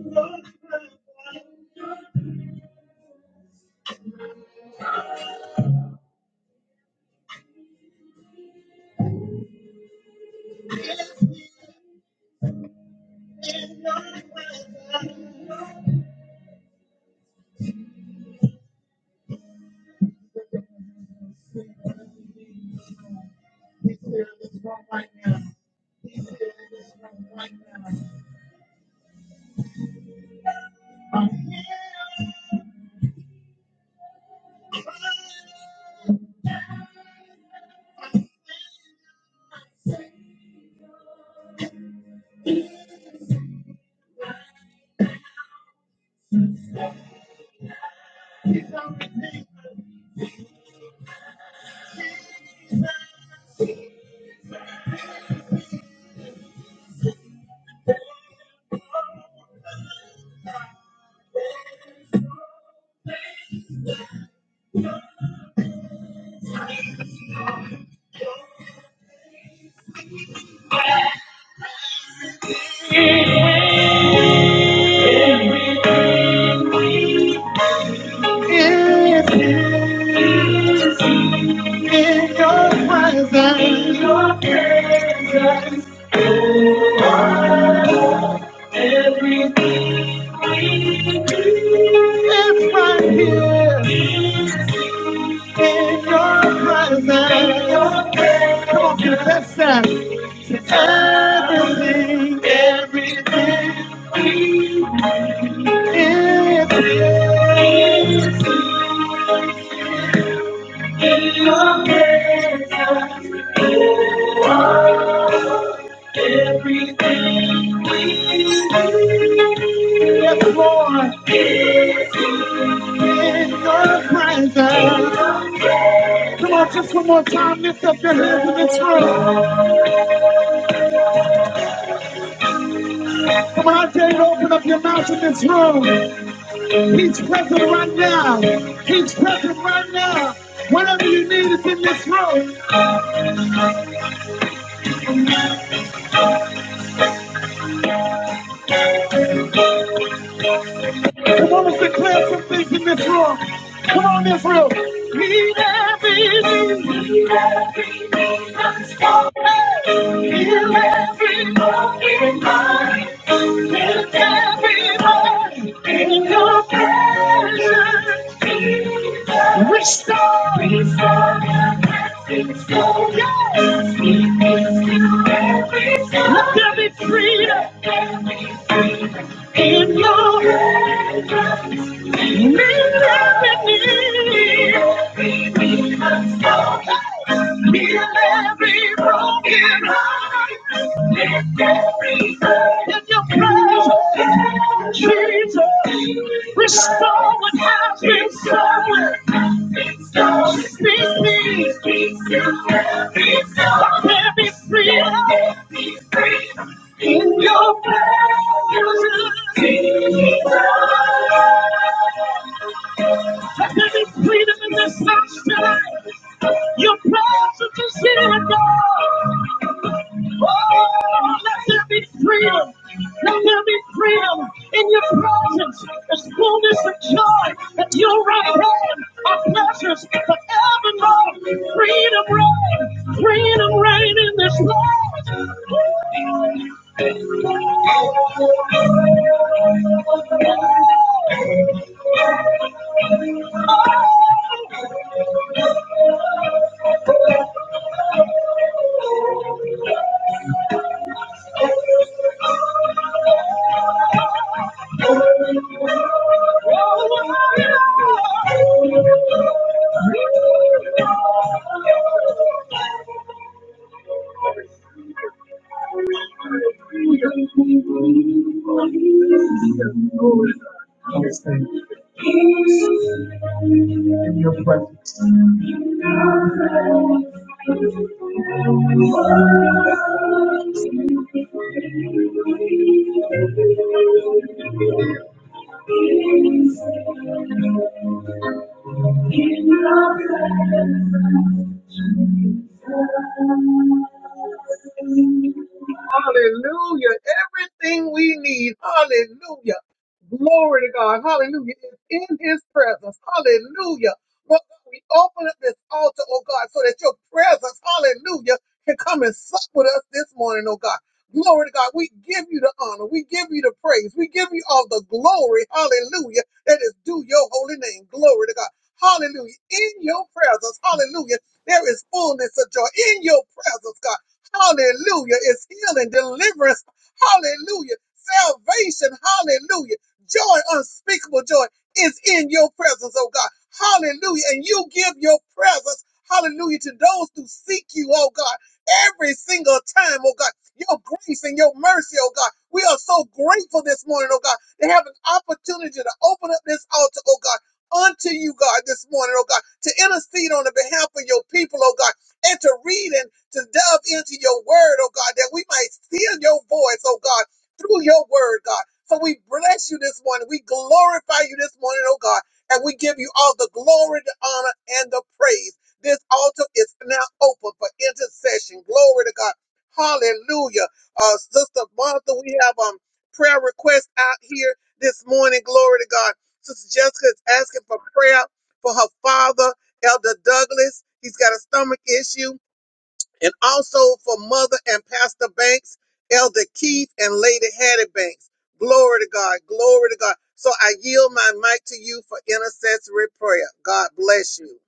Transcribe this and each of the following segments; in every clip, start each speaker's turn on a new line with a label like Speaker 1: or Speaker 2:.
Speaker 1: Everything, everything is in your presence. Yes, Lord. in your presence. Come on, just one more time. Lift up your hands in this room. Come on, I dare you to open up your mouth in this room. He's present right now. He's present right now. Whatever you need is in this room. Meet every need. Meet every need of soul. Heal every broken mind. Lift everyone in your presence. Restore. Restore their blessings. Restore their sleepings to every soul. Let there be freedom in your hands. Restore what has been stolen. Speak me. Let me free in your presence. And there is freedom in this house tonight. Your presence is here, God. Oh, let there be freedom. Let there be freedom in your presence. There's fullness of joy at your right hand. Our pleasures forevermore. Freedom reign. Freedom reign in this world. Hallelujah. Everything we need. Hallelujah. Glory to God. Hallelujah. It's in his presence. Hallelujah. Lord God, we open up this altar, oh God, so that your presence, hallelujah, can come and sup with us this morning, oh God. Glory to God. We give you the honor. We give you the praise. We give you all the glory. Hallelujah. That is due your holy name. Glory to God. Hallelujah. In your presence, hallelujah, there is fullness of joy. In your presence, God. Hallelujah. It's healing, deliverance. Hallelujah. Salvation. Hallelujah Joy, unspeakable joy, is in your presence, oh God. Hallelujah. And you give your presence, hallelujah, to those who seek you, oh God, every single time, oh God. Your grace and your mercy, oh God. We are so grateful this morning, oh God, to have an opportunity to open up this altar, oh God. Unto you, God, this morning, oh God, to intercede on the behalf of your people, oh God, and to read and to delve into your word, oh God, that we might hear your voice, oh God, through your word, God. So we bless you this morning. We glorify you this morning, oh God. And we give you all the glory, the honor, and the praise. This altar is now open for intercession. Glory to God. Hallelujah. Uh, Sister Martha, we have um prayer requests out here this morning. Glory to God. Sister Jessica is asking for prayer for her father, Elder Douglas. He's got a stomach issue and also for Mother and Pastor Banks, Elder Keith, and Lady Hattie Banks. Glory to God. Glory to God. So I yield my mic to you for intercessory prayer. God bless you.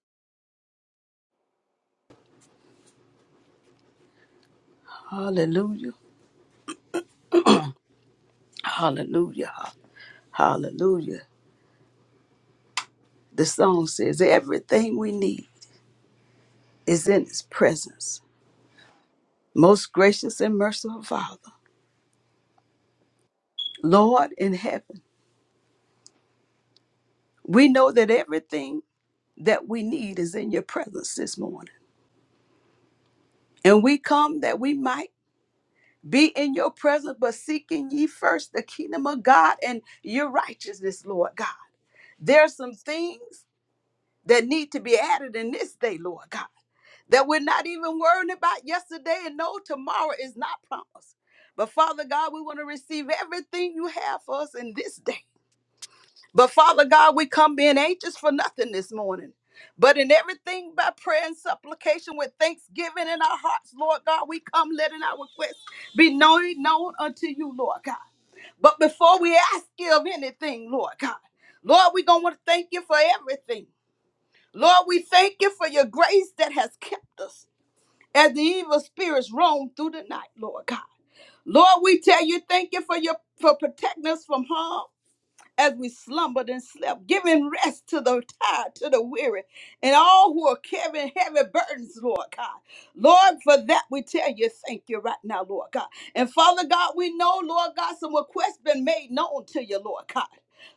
Speaker 2: Hallelujah. Hallelujah. Hallelujah. The song says, Everything we need is in His presence. Most gracious and merciful Father, Lord in heaven, we know that everything that we need is in your presence this morning. And we come that we might be in your presence, but seeking ye first the kingdom of God and your righteousness, Lord God. There are some things that need to be added in this day, Lord God. that we're not even worrying about yesterday and no tomorrow is not promised. But Father God, we want to receive everything you have for us in this day. But Father God, we come being anxious for nothing this morning. But in everything by prayer and supplication with thanksgiving in our hearts, Lord God, we come letting our requests be known, known unto you, Lord God. But before we ask you of anything, Lord God, Lord, we're going to want to thank you for everything. Lord, we thank you for your grace that has kept us as the evil spirits roam through the night, Lord God. Lord, we tell you, thank you for your for protecting us from harm as we slumbered and slept, giving rest to the tired, to the weary, and all who are carrying heavy burdens, Lord God. Lord, for that we tell you, thank you right now, Lord God. And Father God, we know, Lord God, some requests been made known to you, Lord God.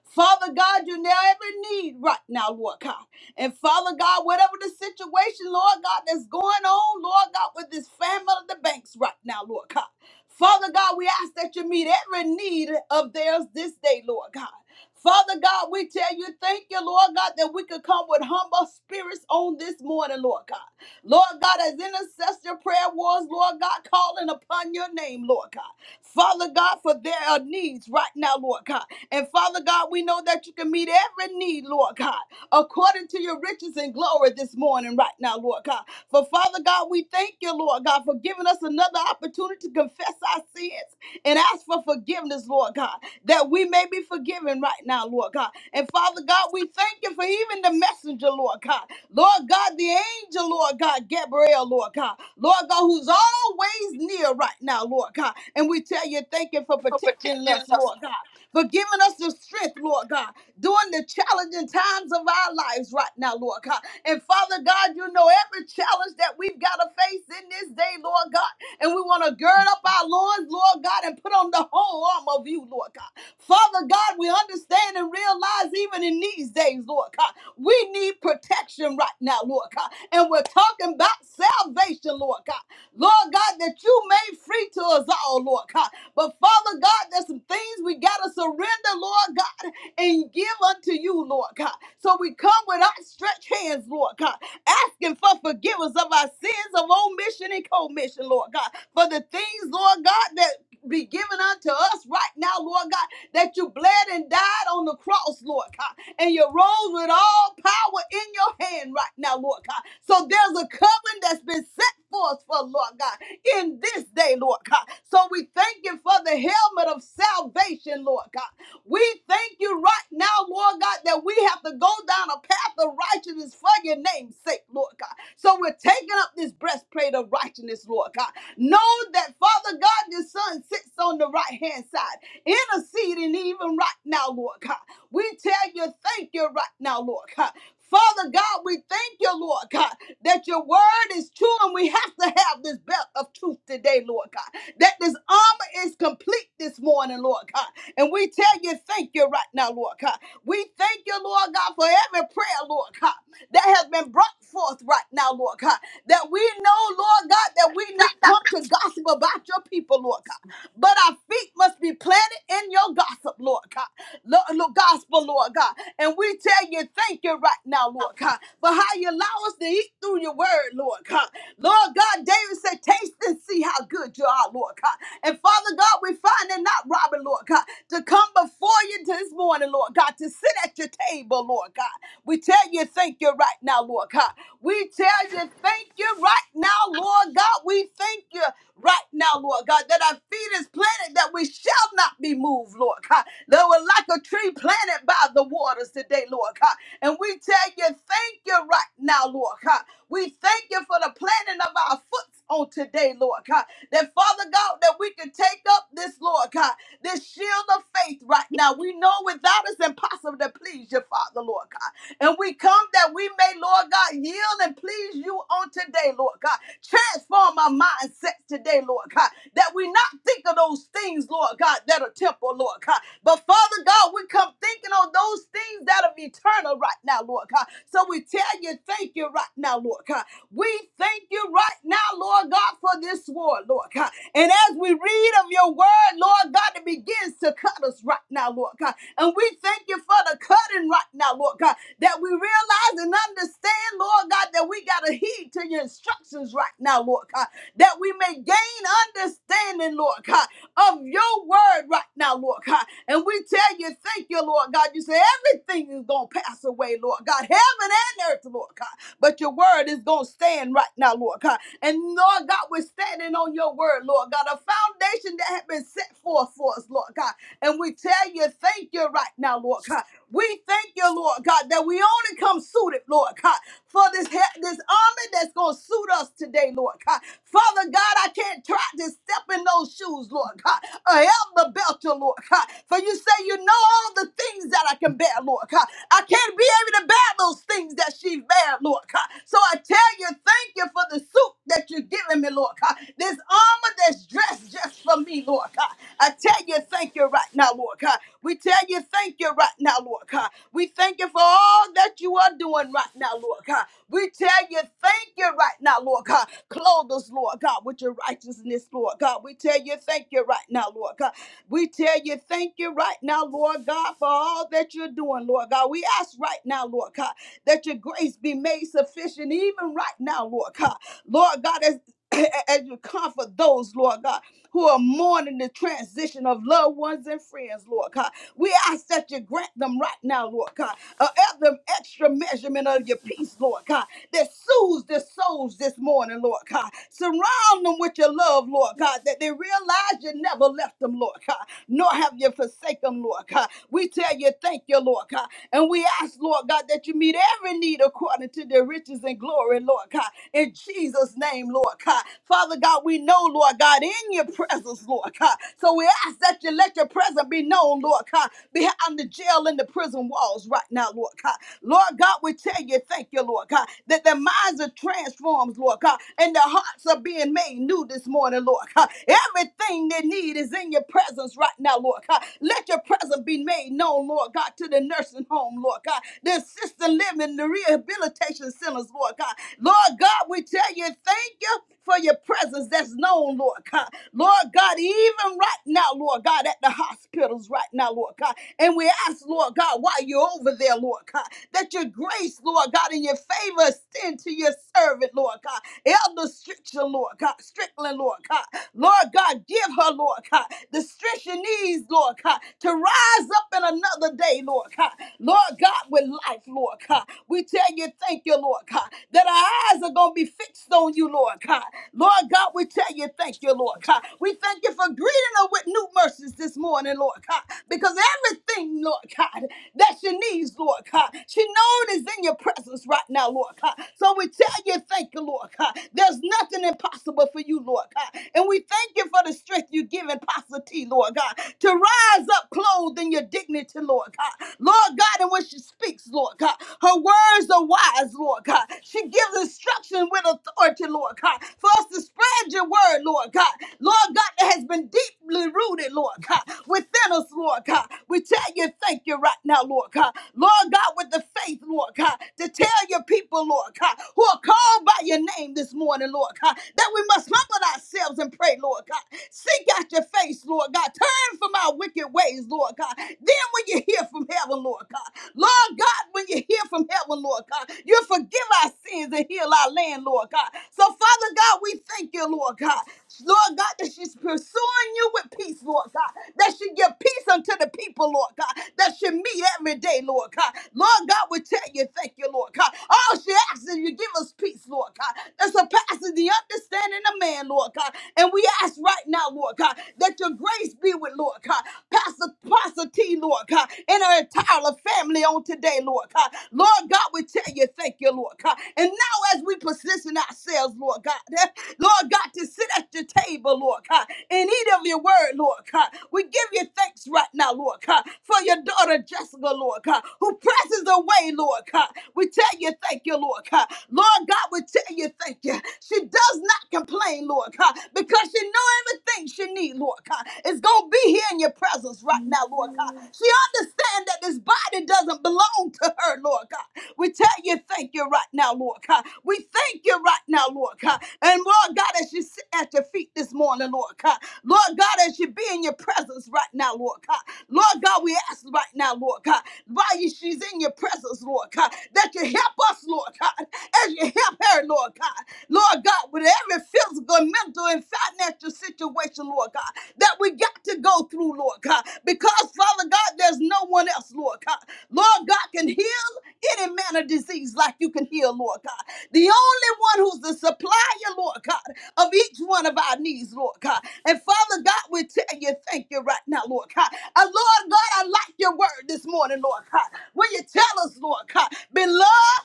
Speaker 2: Father God, you know every need right now, Lord God. And Father God, whatever the situation, Lord God, that's going on, Lord God, with this family of the banks right now, Lord God. Father God, we ask that you meet every need of theirs this day, Lord God. Father God, we tell you, thank you, Lord God, that we could come with humble spirits on this morning, Lord God. Lord God, as intercessor prayer was, Lord God, calling upon your name, Lord God. Father God, for there are needs right now, Lord God. And Father God, we know that you can meet every need, Lord God, according to your riches and glory this morning, right now, Lord God. For Father God, we thank you, Lord God, for giving us another opportunity to confess our sins and ask for forgiveness, Lord God, that we may be forgiven right now, Lord God. And Father God, we thank you for even the messenger, Lord God. Lord God, the angel, Lord God, Gabriel, Lord God. Lord God, who's always near right now, Lord God. And we tell you, thank you for protecting us, Lord God, for giving us the strength, Lord God, during the challenging times of our lives right now, Lord God. And Father God, you know every challenge that we've got to face in this day, Lord God and we want to gird up our loins, Lord God, and put on the whole arm of you, Lord God. Father God, we understand and realize even in these days, Lord God, we need protection right now, Lord God. And we're talking about salvation, Lord God. Lord God, that you made free to us all, Lord God. But Father God, there's some things we got to surrender, Lord God, and give unto you, Lord God. So we come with outstretched hands, Lord God, asking for forgiveness of our sins of omission and commission, Lord God, for the things, Lord God, that be given unto us right now, Lord God, that you bled and died on the cross, Lord God, and you rose with all power in your hand right now, Lord God. So there's a covenant that's been set for us, for Lord God, in this day, Lord God. So we thank you for the helmet of salvation, Lord God. We thank you right now, Lord God, that we have to go down a path of righteousness for your name's sake, Lord God. So we're taking up this breastplate of righteousness, Lord God. Know that, Father God, your son sits on the right hand side, interceding even right now, Lord God. We tell you, thank you right now, Lord God. Father God, we thank you, Lord God that your word is true and we have to have this belt of truth today, Lord God. That this armor is complete this morning, Lord God. And we tell you, thank you right now, Lord God. We thank you, Lord God, for every prayer, Lord God, that has been brought forth right now, Lord God. That we know, Lord God, that we not
Speaker 3: Oh,
Speaker 2: come to gossip about your people, Lord God. But our feet must be planted in your gossip, Lord God. Lord, Lord, gospel, Lord God. And we tell you, thank you right now, Lord God, for how you allow us to eat through your word, Lord God. Lord God, David said, taste and see how good you are, Lord God. And Father God, we find it not robbery, Lord God, to come before you this morning, Lord God, to sit at your table, Lord God. We tell you, thank you right now, Lord God. We tell you, thank you right now, Lord God. We thank thank you right now, Lord God, that our feet is planted, that we shall not be moved, Lord God. That we're like a tree planted by the waters today, Lord God. And we tell you, thank you right now, Lord God. We thank you for the planting of our foot on today, Lord God. That Father God, that we can take up this, Lord God, this shield of faith right now. We know without it's impossible to please you, Father, Lord God. And we come that we may, Lord God, yield and please you on today, Lord God. Transform our mindsets today, Lord God, that we not think of those things, Lord God, that are temporal, Lord God. But Father God, we come thinking on those things that are eternal right now, Lord God. So we tell you, thank you right now, Lord God. We thank you right now, Lord God, for this war, Lord God. And as we read of your word, Lord God, it begins to cut us right now, Lord God. And we thank you for the cutting right now, Lord God that we realize and understand, Lord God, that we got to heed to your instructions right now, Lord God, that we may gain understanding, Lord God, of your word right now, Lord God. And we tell you, thank you, Lord God. You say everything is going to pass away, Lord God, heaven and earth, Lord God. But your word is going to stand right now, Lord God. And Lord God, we're standing on your word, Lord God, a foundation that has been set forth for us, Lord God. And we tell you, thank you right now, Lord God we thank you, Lord God, that we only come suited, Lord God, for this he- this army that's going to suit us today, Lord God. Father God, I can't try to step in those shoes, Lord God. I am the belcher, Lord God. For you say you know all the things that I can bear, Lord God. I can't be able to bear those things that she bear, Lord God. So I tell you, thank you for the suit that you're giving me, Lord God. This armor that's dressed just for me, Lord God. I tell you, thank you right now, Lord God. We tell you thank you right now, Lord God. We thank you for all that you are doing right now, Lord God. We tell you thank you right now, Lord God. Clothe us, Lord God, with your righteousness, Lord God. We tell you thank you right now, Lord God. We tell you thank you right now, Lord God, for all that you're doing, Lord God. We ask right now, Lord God, that your grace be made sufficient even right now, Lord God. Lord God, as as you comfort those, Lord God, who are mourning the transition of loved ones and friends, Lord God. We ask that you grant them right now, Lord God, uh, ev- them extra measurement of your peace, Lord God that soothes their souls this morning, Lord God. Surround them with your love, Lord God, that they realize you never left them, Lord God, nor have you forsaken them, Lord God. We tell you thank you, Lord God. And we ask, Lord God, that you meet every need according to their riches and glory, Lord God. In Jesus' name, Lord God. Father God, we know, Lord God, in your presence, Lord God. So we ask that you let your presence be known, Lord God, behind the jail and the prison walls right now, Lord God. Lord God, we tell you thank you, Lord God, that their minds are transformed, Lord God, and their hearts are being made new this morning, Lord God. Everything they need is in your presence right now, Lord God. Let your presence be made known, Lord God, to the nursing home, Lord God, the assisted living, the rehabilitation centers, Lord God. Lord God, we tell you thank you for your presence that's known, Lord God. Lord God, even right now, Lord God, at the hospitals right now, Lord God. And we ask, Lord God, while you're over there, Lord God, that your grace, Lord God, and your favor us into your servant, Lord God. Elder Strickland, Lord God. Strickland, Lord God. Lord God, give her, Lord God, the strength she needs, Lord God, to rise up in another day, Lord God. Lord God, with life, Lord God. We tell you, thank you, Lord God, that our eyes are going to be fixed on you, Lord God. Lord God, we tell you, thank you, Lord God. We thank you for greeting her with new mercies this morning, Lord God, because everything, Lord God, that she needs, Lord God, she knows is in your presence right now, Lord. Lord God. So we tell you, thank you, Lord God. There's nothing impossible for you, Lord God. And we thank you for the strength you give in Pastor T, Lord God, to rise up clothed in your dignity, Lord God. Lord God, and when she speaks, Lord God, her words are wise, Lord God. She gives instruction with authority, Lord God, for us to spread your word, Lord God. Lord God, that has been deeply rooted, Lord God, within us, Lord God. We tell you, thank you right now, Lord God. Lord God, with the faith, Lord God, to tell your people people, Lord God, who are called by your name this morning, Lord God, that we must humble ourselves and pray, Lord God. Seek out your face, Lord God. Turn from our wicked ways, Lord God. Then when you hear from heaven, Lord God, Lord God, when you hear from heaven, Lord God, you forgive our sins and heal our land, Lord God. So, Father God, we thank you, Lord God. Lord God, that she's pursuing you with peace, Lord God. That she give peace unto the people, Lord God. That she meet every day, Lord God. Lord God, we tell you, thank you, Lord God all she asks is you give us peace, Lord God, that surpasses the understanding of man, Lord God. And we ask right now, Lord God, that your grace be with, Lord God, Pastor, Pastor T, Lord God, and her entire family on today, Lord God. Lord God, we tell you, thank you, Lord God. And now as we position ourselves, Lord God, eh, Lord God, to sit at your table, Lord God, and eat of your word, Lord God, we give you thanks right now, Lord God, for your daughter daughter Jessica, Lord God, who presses away, Lord God. We tell you thank you, Lord God. Lord God, we tell you thank you. She does not complain, Lord God, because she know everything she needs, Lord God. It's going to be here in your presence right now, Lord God. She understands that that this body doesn't belong to her, Lord God. We tell you thank you right now, Lord God. We thank you right now, Lord God. And Lord God, as you sit at your feet this morning, Lord God, Lord God, as you be in your presence right now, Lord God, Lord God, we ask right now, Lord God, while you- she's in your presence, Lord God, that you help us, Lord God, as you help her, Lord God, Lord God, with every physical, mental, and financial financial situation, Lord God, that we got to go through, Lord God, because Father God, there's no one else, Lord God. Lord God can heal any manner of disease like you can heal, Lord God. The only one who's the supplier, Lord God, of each one of our needs, Lord God. And Father God, we tell you thank you right now, Lord God. And Lord God, I like your word this morning, Lord God. Will you tell us, Lord God, beloved?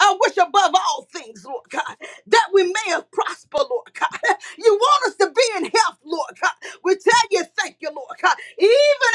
Speaker 2: I wish above all things, Lord God, that we may have prosper, Lord God. You want us to be in health, Lord God. We tell you thank you, Lord God. Even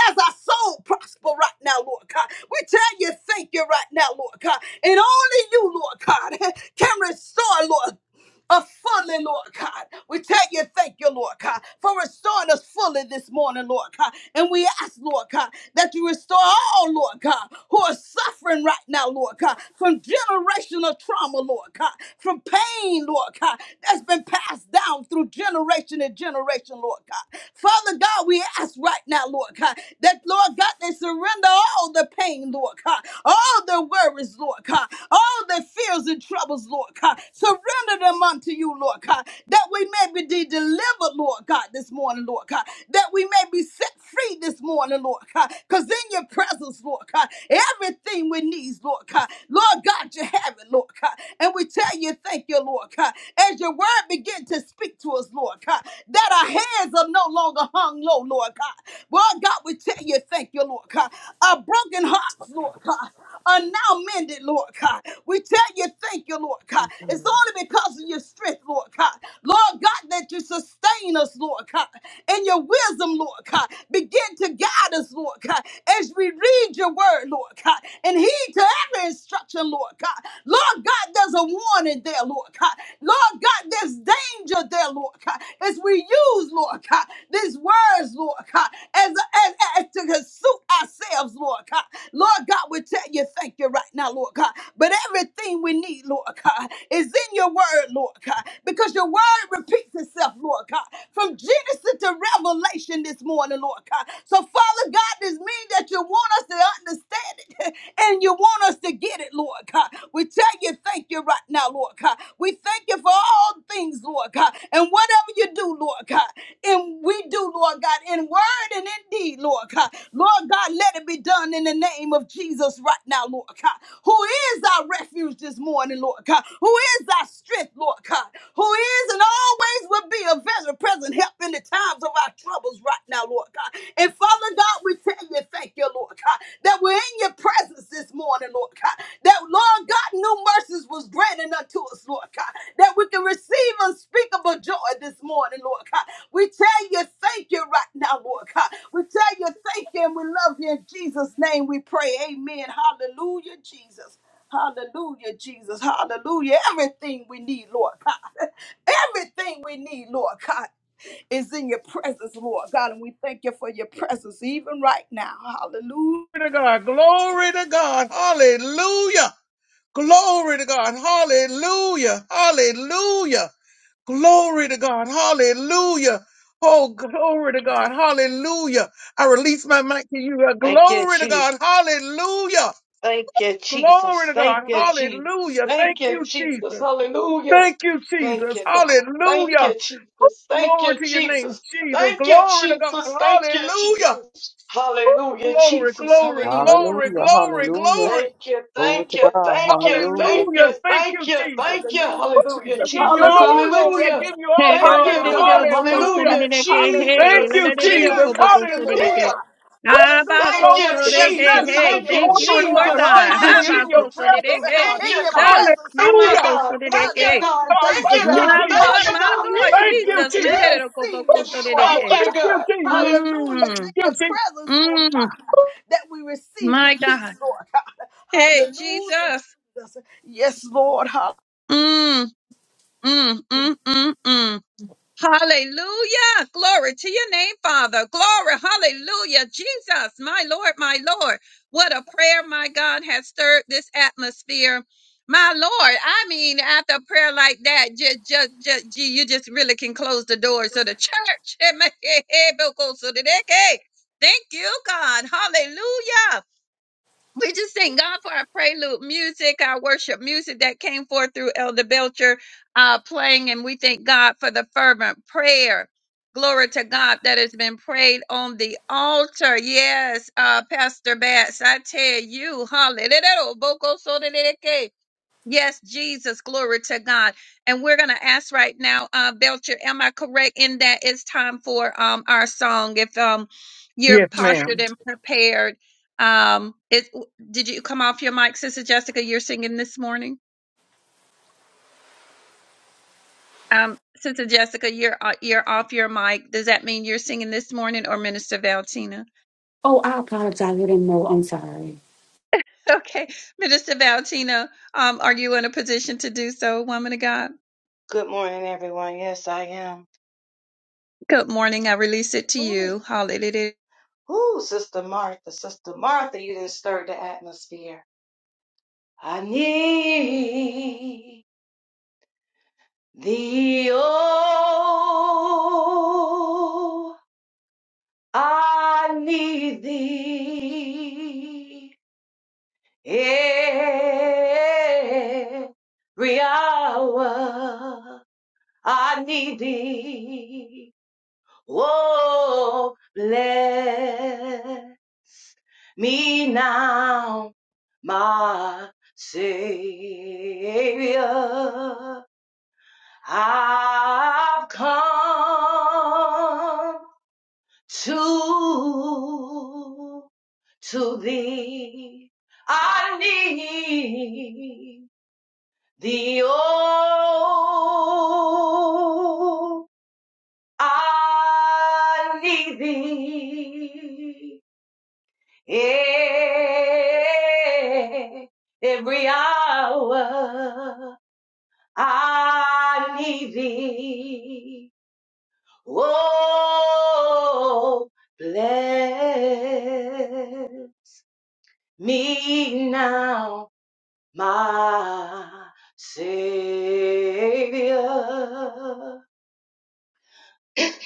Speaker 2: as our soul prosper right now, Lord God. We tell you thank you right now, Lord God. And only you, Lord God, can restore, Lord us fully, Lord God. We tell you, thank you, Lord God, for restoring us fully this morning, Lord God. And we ask, Lord God, that you restore all, Lord God, who are suffering right now, Lord God, from generational trauma, Lord God, from pain, Lord God, that's been passed down through generation and generation, Lord God. Father God, we ask right now, Lord God, that, Lord God, they surrender all the pain, Lord God, all the the worries, Lord God, all the fears and troubles, Lord God. Surrender them unto you, Lord God, that we may be delivered, Lord God, this morning, Lord God, that we may be set free this morning, Lord God, because in your presence, Lord God, everything we need, Lord God, Lord God, you have it, Lord God, and we tell you thank you, Lord God, as your word begin to speak to us, Lord God, that our hands are no longer hung low, Lord God. Lord God, God, we tell you, thank you, Lord God. Our broken hearts, Lord God, are now mended, Lord God. We tell you, thank you, Lord God. It's only because of your strength, Lord God. Lord God, that you sustain us, Lord God, and your wisdom, Lord God. Begin to guide us, Lord God, as we read your word, Lord God, and heed to every instruction, Lord God. Lord God, there's a warning there, Lord God. Lord God, there's danger there, Lord Lord God, as we use, Lord God, these words, Lord God, as, as, as to consume ourselves, Lord God. Lord God, we tell you thank you right now, Lord God. But everything we need, Lord God, is in your word, Lord God, because your word repeats itself, Lord God, from Genesis to Revelation this morning, Lord God. So, Father God, this means that you want us to understand it and you want us to get it, Lord God. We tell you you, thank you right now, Lord God. We thank you for all things, Lord God. And whatever you do, Lord God, and we do, Lord God, in word and in deed, Lord God. Lord God, let it be done in the name of Jesus right now, Lord God. Who is our refuge this morning, Lord God? Who is our strength, Lord God? Who is and always will be a very present help in the times of our troubles right now, Lord God. And Father God, we tell you, thank you, Lord God, that we're in your presence this morning, Lord God. That Lord God, new mercies was granted unto us, Lord God. That we can receive unspeakable joy this morning, Lord God. We tell you thank you right now, Lord God. We tell you thank you and we love you in Jesus' name. We pray. Amen. Hallelujah, Jesus. Hallelujah, Jesus. Hallelujah. Everything we need, Lord God. Everything we need, Lord God is in your presence, Lord God. And we thank you for your presence even right now. Hallelujah.
Speaker 1: Glory to God. Glory to God. Hallelujah. Glory to God. Hallelujah. Hallelujah. Glory to God. Hallelujah. Oh, glory to God. Hallelujah. I release my mic to you. Uh,
Speaker 4: Thank you,
Speaker 1: Glory to
Speaker 4: Jesus.
Speaker 1: God. Hallelujah.
Speaker 4: Thank you,
Speaker 1: Glory
Speaker 4: Jesus.
Speaker 1: to God.
Speaker 4: Thank you, Jesus.
Speaker 1: Hallelujah. Thank
Speaker 4: Thank you,
Speaker 1: you,
Speaker 4: Jesus.
Speaker 1: Jesus.
Speaker 4: Hallelujah.
Speaker 1: Thank you,
Speaker 4: Thank
Speaker 1: Jesus.
Speaker 4: you, God. Thank
Speaker 1: Hallelujah.
Speaker 4: you, Jesus. Thank
Speaker 1: Glory
Speaker 4: you,
Speaker 1: to your name,
Speaker 4: Jesus.
Speaker 1: Jesus.
Speaker 4: Thank you,
Speaker 1: Glory to God.
Speaker 4: Jesus. Thank you,
Speaker 1: Hallelujah.
Speaker 4: Jesus.
Speaker 1: Ooh,
Speaker 4: Hallelujah,
Speaker 1: glory,
Speaker 4: Jesus.
Speaker 1: glory,
Speaker 4: Hallelujah.
Speaker 1: glory,
Speaker 5: Hallelujah,
Speaker 1: glory,
Speaker 5: hallelujah.
Speaker 1: glory.
Speaker 4: Thank you,
Speaker 5: Glory
Speaker 4: thank
Speaker 5: to
Speaker 4: you,
Speaker 5: God,
Speaker 4: thank you,
Speaker 5: hallelujah.
Speaker 4: thank
Speaker 1: Hallelujah.
Speaker 4: you,
Speaker 1: Thank
Speaker 4: thank
Speaker 1: you,
Speaker 4: you,
Speaker 1: Jesus.
Speaker 4: thank you.
Speaker 2: Hallelujah,
Speaker 4: Hallelujah,
Speaker 1: I
Speaker 2: Jesus.
Speaker 1: give you
Speaker 4: Jesus.
Speaker 1: all the
Speaker 2: Hallelujah,
Speaker 1: glory. I
Speaker 4: Hallelujah.
Speaker 2: Jesus.
Speaker 1: give you all
Speaker 6: Hey,
Speaker 1: the
Speaker 4: Thank
Speaker 6: good,
Speaker 4: you,
Speaker 1: honor.
Speaker 6: did you
Speaker 2: Hallelujah,
Speaker 4: God.
Speaker 2: Jesus.
Speaker 1: Hallelujah.
Speaker 4: Hallelujah,
Speaker 1: Thank
Speaker 6: Hey,
Speaker 2: Hallelujah,
Speaker 6: la
Speaker 4: Jesus.
Speaker 1: you,
Speaker 6: la
Speaker 2: Jesus.
Speaker 6: did you do
Speaker 1: Jesus.
Speaker 2: None like
Speaker 4: Jesus.
Speaker 2: you, Lord
Speaker 4: Yeah.
Speaker 1: Hallelujah.
Speaker 2: God.
Speaker 1: Ooh,
Speaker 2: Hallelujah,
Speaker 4: Thank you,
Speaker 1: Glory
Speaker 2: Jesus.
Speaker 1: to your
Speaker 2: There's
Speaker 1: name,
Speaker 2: none
Speaker 4: Jesus.
Speaker 2: like
Speaker 6: Hey,
Speaker 1: Jesus.
Speaker 4: Thank
Speaker 2: you,
Speaker 4: you,
Speaker 6: thank
Speaker 2: Lord
Speaker 6: you,
Speaker 1: Glory to
Speaker 2: God.
Speaker 6: Lord
Speaker 1: God.
Speaker 4: Jesus.
Speaker 6: God.
Speaker 4: Thank you,
Speaker 1: Hallelujah. In
Speaker 4: Jesus.
Speaker 1: your
Speaker 2: Hallelujah,
Speaker 6: Abako
Speaker 2: Jesus.
Speaker 1: presence,
Speaker 6: sonideke,
Speaker 1: God.
Speaker 4: Thank you,
Speaker 2: In your
Speaker 4: God.
Speaker 6: Jesus.
Speaker 2: presence,
Speaker 4: Thank you,
Speaker 2: Lord
Speaker 6: Mama
Speaker 1: Hallelujah.
Speaker 6: ko
Speaker 2: God.
Speaker 4: God. Thank you,
Speaker 6: sonideke.
Speaker 4: God.
Speaker 2: Hallelujah,
Speaker 1: God,
Speaker 4: Thank
Speaker 2: Jesus.
Speaker 1: thank
Speaker 4: you,
Speaker 1: you,
Speaker 4: God.
Speaker 6: My
Speaker 1: Jesus.
Speaker 4: Thank
Speaker 6: Lord,
Speaker 4: you,
Speaker 6: my
Speaker 4: God.
Speaker 2: Hallelujah,
Speaker 6: Lord,
Speaker 1: Thank
Speaker 2: Jesus.
Speaker 1: you,
Speaker 6: Jesus. Man,
Speaker 2: We
Speaker 1: Jesus.
Speaker 6: that it'll go
Speaker 2: receive
Speaker 6: boko
Speaker 2: your joy,
Speaker 1: God,
Speaker 4: Thank
Speaker 2: Lord
Speaker 6: sonideke.
Speaker 4: you,
Speaker 1: thank
Speaker 2: God.
Speaker 1: you,
Speaker 4: God.
Speaker 1: Jesus.
Speaker 4: Hallelujah.
Speaker 2: Hallelujah. It's
Speaker 6: Mmm,
Speaker 2: in
Speaker 1: You
Speaker 2: your
Speaker 1: see?
Speaker 2: presence, Lord
Speaker 6: mmm,
Speaker 2: God, that we receive your
Speaker 6: my
Speaker 2: peace,
Speaker 6: God.
Speaker 2: Lord God.
Speaker 6: Hey,
Speaker 2: Hallelujah,
Speaker 6: Jesus.
Speaker 2: Jesus. Yes, Lord.
Speaker 6: Mmm, mmm, mmm, mmm, mmm. Hallelujah. Glory to your name, Father. Glory. Hallelujah. Jesus, my Lord, my Lord. What a prayer, my God, has stirred this atmosphere. My Lord, I mean, after a prayer like that, just, just, just, you just really can close the doors of the church, thank you, God. Hallelujah. We just thank God for our prelude music, our worship music that came forth through Elder Belcher uh, playing, and we thank God for the fervent prayer. Glory to God that has been prayed on the altar. Yes, uh, Pastor Bats, I tell you, hallelujah. Yes, Jesus, glory to God. And we're going to ask right now, uh, Belcher, am I correct in that it's time for um, our song? If um, you're
Speaker 1: Yes,
Speaker 6: postured
Speaker 1: ma'am.
Speaker 6: and prepared, um, it, did you come off your mic, Sister Jessica? You're singing this morning, um, Sister Jessica. You're uh, you're off your mic. Does that mean you're singing this morning, or Minister Valentina?
Speaker 3: I apologize. I didn't know. I'm sorry.
Speaker 6: Okay, Minister Valentina, um, are you in a position to do so, woman of God?
Speaker 4: Good morning, everyone. Yes, I am.
Speaker 6: Good morning. I release it to
Speaker 4: Ooh,
Speaker 6: you. Hallelujah.
Speaker 4: ooh, Sister Martha, Sister Martha, you didn't stir the atmosphere. I need thee, oh, I need thee. Every hour I need thee. Oh, bless me now, my Savior. I've come to, to thee. I need The old I need thee yeah, every hour I need thee. Oh, bless me now, my Savior.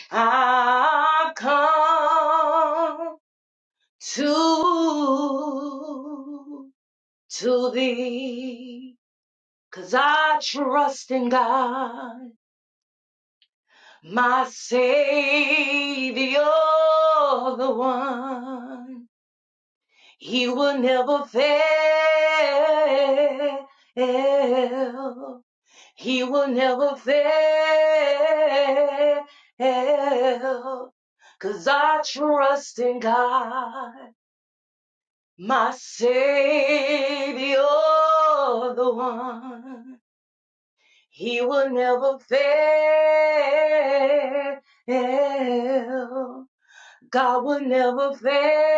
Speaker 4: I've come to, to thee, 'cause I trust in God, my Savior, the one. He will never fail. He will never fail, 'cause I trust in God, my Savior, the one. He will never fail. God will never fail.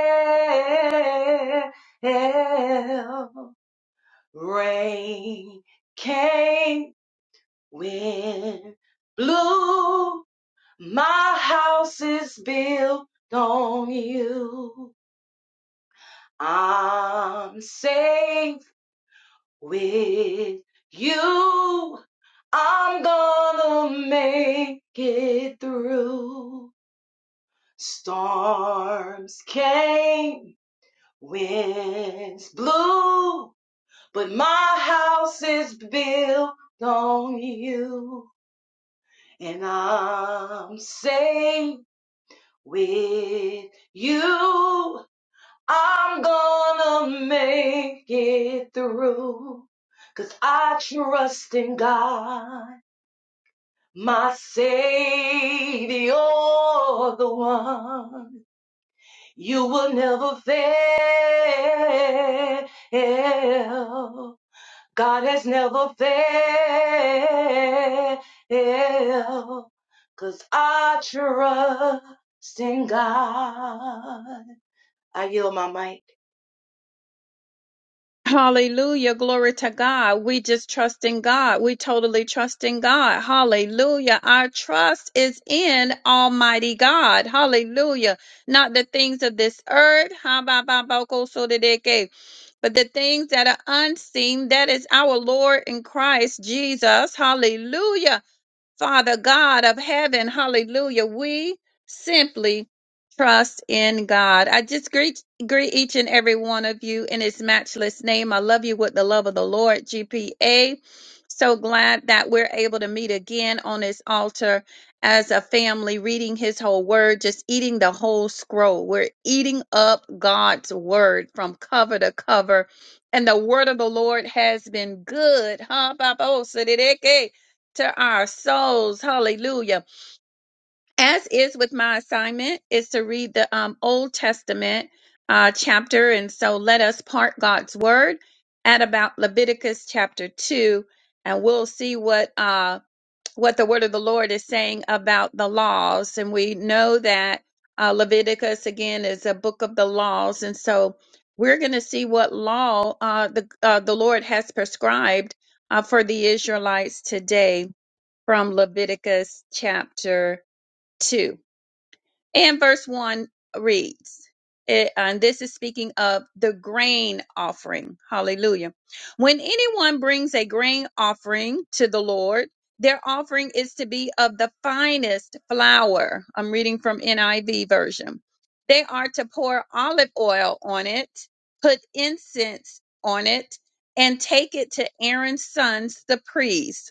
Speaker 4: Rain came, wind blew My house is built on you. I'm safe with you. I'm gonna make it through. Storms came, winds blew, but my house is built on you. And I'm safe with you. I'm gonna make it through 'cause I trust in God, my Savior, the one you will never fail. God has never failed 'cause I trust in God. I yield my mic.
Speaker 6: Hallelujah. Glory to God. We just trust in God. We totally trust in God. Hallelujah. Our trust is in Almighty God. Hallelujah. Not the things of this earth. Ha, ba, ba, ba, ko, so, de, de, ke. But the things that are unseen, that is our Lord in Christ Jesus. Hallelujah. Father God of heaven, hallelujah. We simply trust in God. I just greet greet each and every one of you in his matchless name. I love you with the love of the Lord, GPA. So glad that we're able to meet again on his altar as a family, reading his whole word, just eating the whole scroll. We're eating up God's word from cover to cover. And the word of the Lord has been good. Huh? Baba? Oh, to our souls. Hallelujah. As is with my assignment, is to read the um, Old Testament uh, chapter. And so let us part God's word at about Leviticus chapter 2, and we'll see what, uh, what the word of the Lord is saying about the laws. And we know that uh, Leviticus, again, is a book of the laws. And so we're going to see what law uh, the, uh, the Lord has prescribed uh, for the Israelites today from Leviticus chapter 2. And verse 1 reads, it- uh, and this is speaking of the grain offering. Hallelujah. When anyone brings a grain offering to the Lord, their offering is to be of the finest flour. I'm reading from NIV version. They are to pour olive oil on it, put incense on it, and take it to Aaron's sons, the priest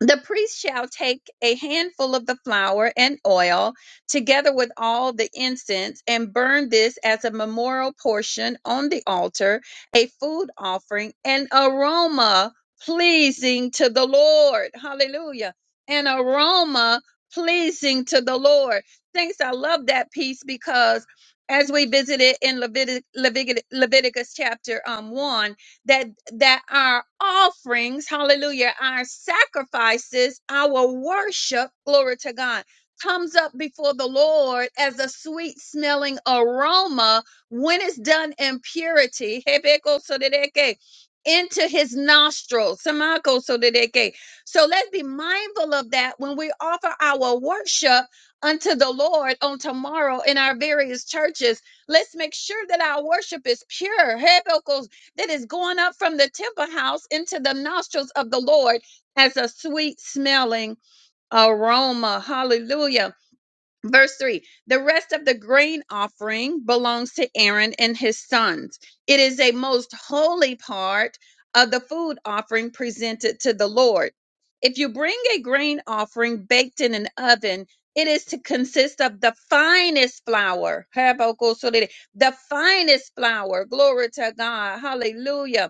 Speaker 6: the priest shall take a handful of the flour and oil, together with all the incense, and burn this as a memorial portion on the altar, a food offering, an aroma pleasing to the Lord. Hallelujah. An aroma pleasing to the Lord. Thanks. I love that piece because as we visited in Levitic, Levitic, Leviticus chapter um, 1, that that our offerings hallelujah our sacrifices our worship glory to god comes up before the lord as a sweet smelling aroma when it's done in purity Hebekosodedeke, into his nostrils Samakosodedeke. so let's be mindful of that when we offer our worship unto the lord on tomorrow in our various churches let's make sure that our worship is pure that is going up from the temple house into the nostrils of the Lord as a sweet smelling aroma. Hallelujah. Verse 3 The rest of the grain offering belongs to Aaron and his sons. It is a most holy part of the food offering presented to the Lord. If you bring a grain offering baked in an oven, it is to consist of the finest flour. so The finest flour. Glory to God. Hallelujah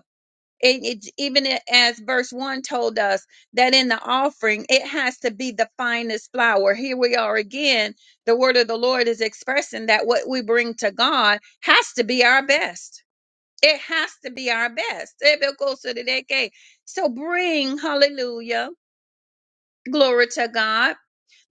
Speaker 6: and it's even i- as verse 1 told us that in the offering, it has to be the finest flour. Here we are again. The word of the Lord is expressing that what we bring to God has to be our best. It has to be our best. So bring, hallelujah, glory to God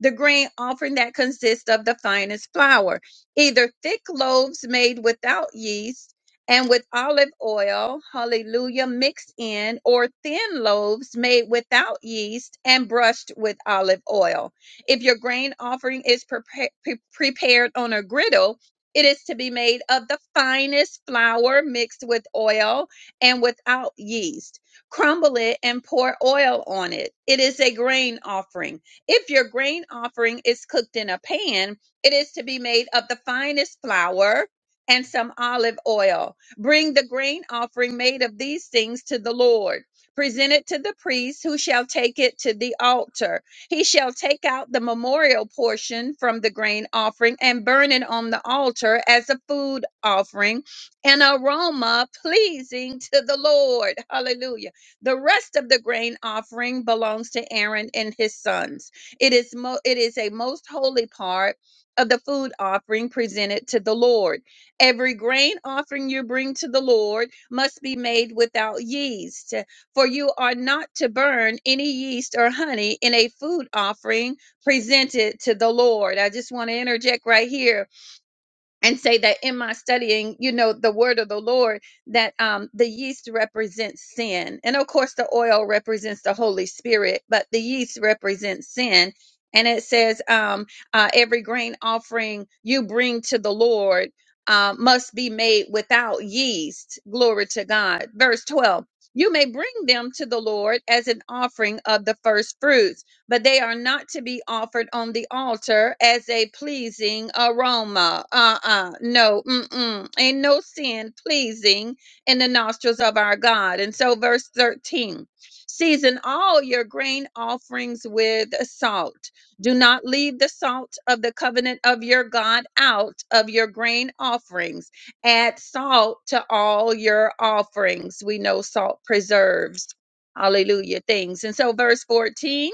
Speaker 6: the grain offering that consists of the finest flour, either thick loaves made without yeast and with olive oil, hallelujah, mixed in, or thin loaves made without yeast and brushed with olive oil. If your grain offering is prepa- pre- prepared on a griddle, it is to be made of the finest flour mixed with oil and without yeast. Crumble it and pour oil on it. It is a grain offering if your grain offering is cooked in a pan, it is to be made of the finest flour and some olive oil. Bring the grain offering made of these things to the Lord. Present it to the priest who shall take it to the altar. He shall take out the memorial portion from the grain offering and burn it on the altar as a food offering, an aroma pleasing to the Lord. Hallelujah. The rest of the grain offering belongs to Aaron and his sons. It is mo- it is a most holy part of the food offering presented to the Lord. Every grain offering you bring to the Lord must be made without yeast, for you are not to burn any yeast or honey in a food offering presented to the Lord. I just want to interject right here and say that in my studying, you know, the word of the Lord, that um, the yeast represents sin. And of course, the oil represents the Holy Spirit, but the yeast represents sin. And it says, um, uh, every grain offering you bring to the Lord uh, must be made without yeast. Glory to God. Verse 12. You may bring them to the Lord as an offering of the first fruits but they are not to be offered on the altar as a pleasing aroma. Uh uh no, mm-mm. Ain't no sin pleasing in the nostrils of our God. And so, verse 13 season all your grain offerings with salt. Do not leave the salt of the covenant of your God out of your grain offerings. Add salt to all your offerings. We know salt preserves. Hallelujah. Things. And so, verse 14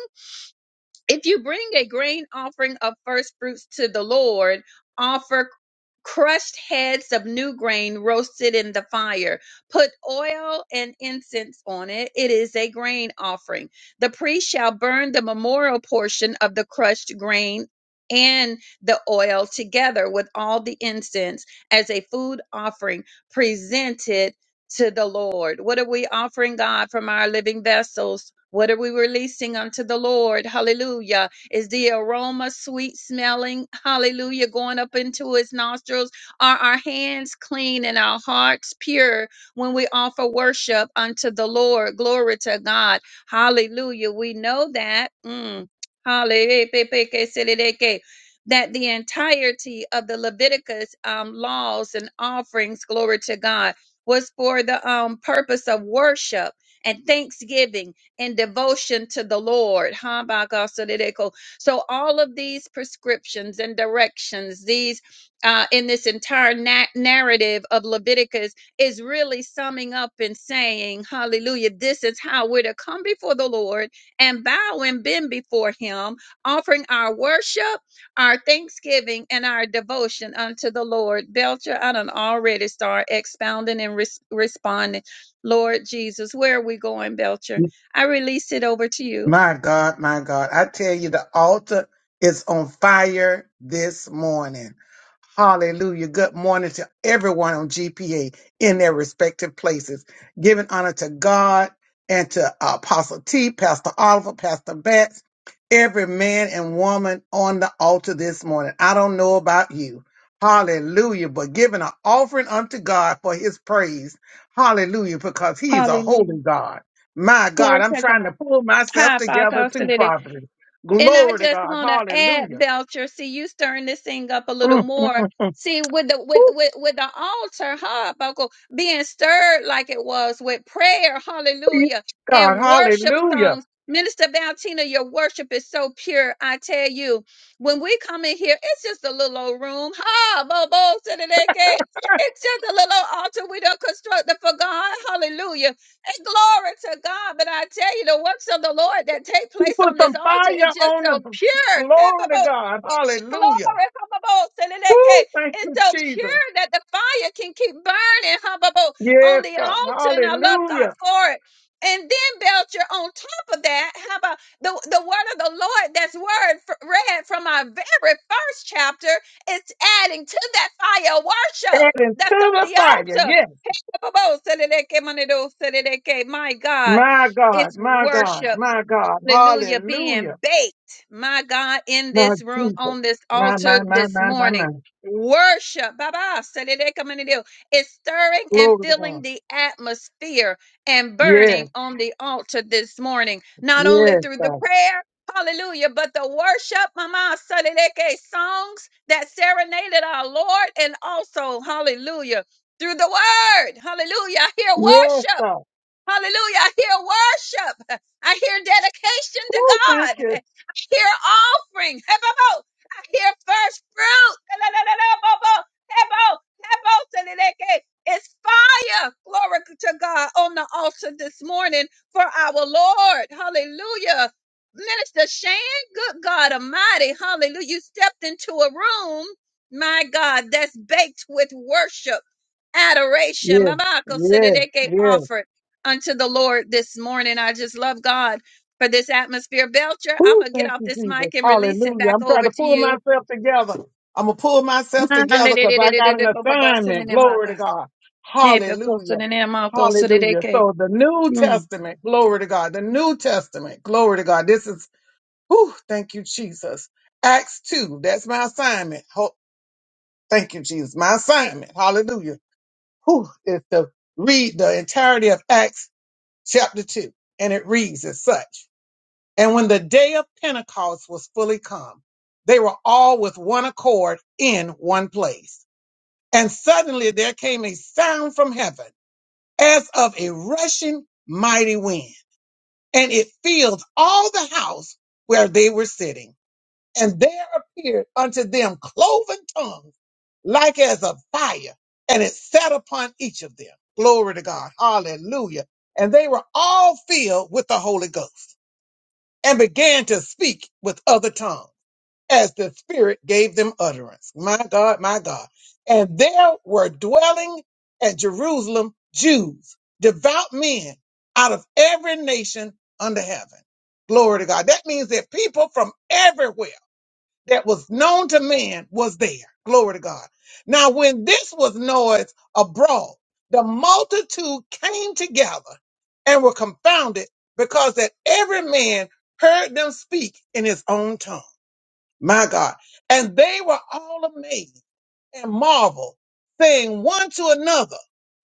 Speaker 6: if you bring a grain offering of first fruits to the Lord, offer crushed heads of new grain roasted in the fire. Put oil and incense on it. It is a grain offering. The priest shall burn the memorial portion of the crushed grain and the oil together with all the incense as a food offering presented to the Lord? What are we offering God from our living vessels? What are we releasing unto the Lord? Hallelujah. Is the aroma sweet smelling? Hallelujah. Going up into his nostrils? Are our hands clean and our hearts pure when we offer worship unto the Lord? Glory to God. Hallelujah. We know that. Mm. Hallelujah that the entirety of the Leviticus um, laws and offerings, glory to God, was for the um, purpose of worship and thanksgiving and devotion to the Lord. Habakkuk. So that they go- so all of these prescriptions and directions, these uh, in this entire na- narrative of Leviticus, is really summing up and saying, Hallelujah, this is how we're to come before the Lord and bow and bend before Him, offering our worship our thanksgiving and our devotion unto the Lord. Belcher, I do already start expounding and res- responding. Lord Jesus, where are we going, Belcher? I release it over to you.
Speaker 1: In their respective places, giving honor to God and to Apostle T, Pastor Oliver, Pastor Betts, every man and woman on the altar this morning. I don't know about you. Hallelujah. But giving an offering unto God for his praise. Hallelujah. Because he's a
Speaker 6: Hallelujah.
Speaker 1: holy God. My God,
Speaker 6: Glory
Speaker 1: I'm
Speaker 6: to
Speaker 1: trying to
Speaker 6: God.
Speaker 1: pull myself together too,
Speaker 6: Ha,
Speaker 1: prophet.
Speaker 6: And I
Speaker 1: Glory to
Speaker 6: just
Speaker 1: God.
Speaker 6: want to add,
Speaker 1: Hallelujah.
Speaker 6: Belcher. See, you stirring this thing up a little
Speaker 1: Mm, mm,
Speaker 6: more.
Speaker 1: mm.
Speaker 6: See, with the with
Speaker 1: Woo,
Speaker 6: with with the altar, Buckle being stirred like it was with prayer,
Speaker 1: yes,
Speaker 6: Hallelujah,
Speaker 1: God,
Speaker 6: and worship
Speaker 1: hallelujah.
Speaker 6: songs. Minister Valentina, your worship is so pure. I tell you, when we come in here, it's just a little old room, ha, bobo, It's just a little altar we don't construct it for God, Hallelujah. And glory to God. But I tell you, the works of the Lord that take
Speaker 1: You
Speaker 6: place
Speaker 1: put
Speaker 6: on this
Speaker 1: some
Speaker 6: altar
Speaker 1: fire
Speaker 6: is just
Speaker 1: on
Speaker 6: so
Speaker 1: us.
Speaker 6: pure.
Speaker 1: Glory to God.
Speaker 6: Glory.
Speaker 1: Hallelujah. Woo, thank you,
Speaker 6: It's so
Speaker 1: Jesus.
Speaker 6: pure that the fire can keep burning on
Speaker 1: Yes,
Speaker 6: the
Speaker 1: God.
Speaker 6: altar. And I love God
Speaker 1: Hallelujah.
Speaker 6: for it. And then Belcher, on top of that, how about the, the word of the Lord that's word f- read from our very first chapter? It's adding to that fire of worship
Speaker 1: Adding to
Speaker 6: that's on
Speaker 1: the
Speaker 6: the
Speaker 1: fire.
Speaker 6: altar.
Speaker 1: Yes.
Speaker 6: My God,
Speaker 1: My
Speaker 6: it's
Speaker 1: God, my God,
Speaker 6: worship
Speaker 1: my God.
Speaker 6: hallelujah,
Speaker 1: Hallelujah.
Speaker 6: being baked, my God, in
Speaker 1: My
Speaker 6: this room,
Speaker 1: Jesus.
Speaker 6: on this
Speaker 1: My,
Speaker 6: altar
Speaker 1: my, my,
Speaker 6: this
Speaker 1: my, my, my.
Speaker 6: morning. Worship, Baba, Sadede Kamanideo, is stirring and
Speaker 1: Glory to
Speaker 6: filling
Speaker 1: God.
Speaker 6: the atmosphere and burning
Speaker 1: Yes,
Speaker 6: on the altar this morning, not only
Speaker 1: yes,
Speaker 6: through the
Speaker 1: God.
Speaker 6: prayer. Hallelujah. But the worship, Mama Salileke songs that serenaded our Lord, and also, hallelujah, through the word. Hallelujah. I hear
Speaker 1: Yes,
Speaker 6: worship.
Speaker 1: God.
Speaker 6: Hallelujah. I hear worship. I hear dedication to
Speaker 1: Woo, thank
Speaker 6: God.
Speaker 1: you.
Speaker 6: I hear offering. Hebo. I hear first fruit. Hey, La, la, la, la, bo, Hey, bo. Hebo. Hebo. Seleleke. It's fire. Glory to God on the altar this morning for our Lord. Hallelujah. Minister Shane, good God Almighty. Hallelujah. You stepped into a room, my God, that's baked with worship, adoration.
Speaker 1: Yes,
Speaker 6: Mama, consider
Speaker 1: yes,
Speaker 6: they get
Speaker 1: yes.
Speaker 6: offered unto the Lord this morning. I just love God for this atmosphere. Belcher, I'm
Speaker 1: Ooh,
Speaker 6: going to get
Speaker 1: thank
Speaker 6: off
Speaker 1: you,
Speaker 6: this
Speaker 1: Jesus.
Speaker 6: mic and release it
Speaker 1: Hallelujah.
Speaker 6: back
Speaker 1: I'm trying
Speaker 6: over
Speaker 1: to
Speaker 6: to
Speaker 1: pull
Speaker 6: you.
Speaker 1: myself together. I'm going to pull myself
Speaker 6: Don't
Speaker 1: together because I got an assignment. Glory to God. Hallelujah. Hallelujah. So the New Testament, glory to God. The New Testament, glory to God. This is, whew, thank you, Jesus. Acts 2, that's my assignment. Ho- thank you, Jesus. My assignment, hallelujah, whew, is to read the entirety of Acts chapter 2. And it reads as such. And when the day of Pentecost was fully come, they were all with one accord in one place. And suddenly there came a sound from heaven as of a rushing mighty wind, and it filled all the house where they were sitting. And there appeared unto them cloven tongues like as of fire, and it sat upon each of them. Glory to God. Hallelujah. And they were all filled with the Holy Ghost and began to speak with other tongues as the Spirit gave them utterance. My God, my God. And there were dwelling at Jerusalem Jews, devout men out of every nation under heaven. Glory to God. That means that people from everywhere that was known to man was there. Glory to God. Now, when this was noise abroad, the multitude came together and were confounded because that every man heard them speak in his own tongue. My God. And they were all amazed and marveled, saying one to another,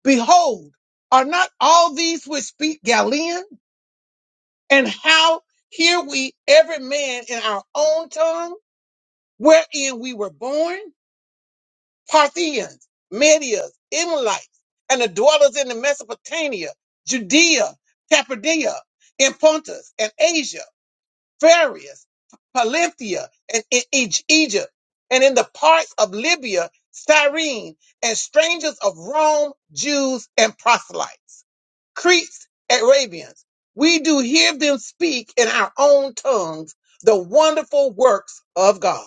Speaker 1: Behold, are not all these which speak Galilean? And how hear we every man in our own tongue, wherein we were born? Parthians, Medes, Emilites, and the dwellers in the Mesopotamia, Judea, Cappadocia, in Pontus and Asia Farius, Palinthia, and in Eg- Egypt, and in the parts of Libya, Cyrene, and strangers of Rome, Jews, and proselytes, Cretes, Arabians. We do hear them speak in our own tongues the wonderful works of God.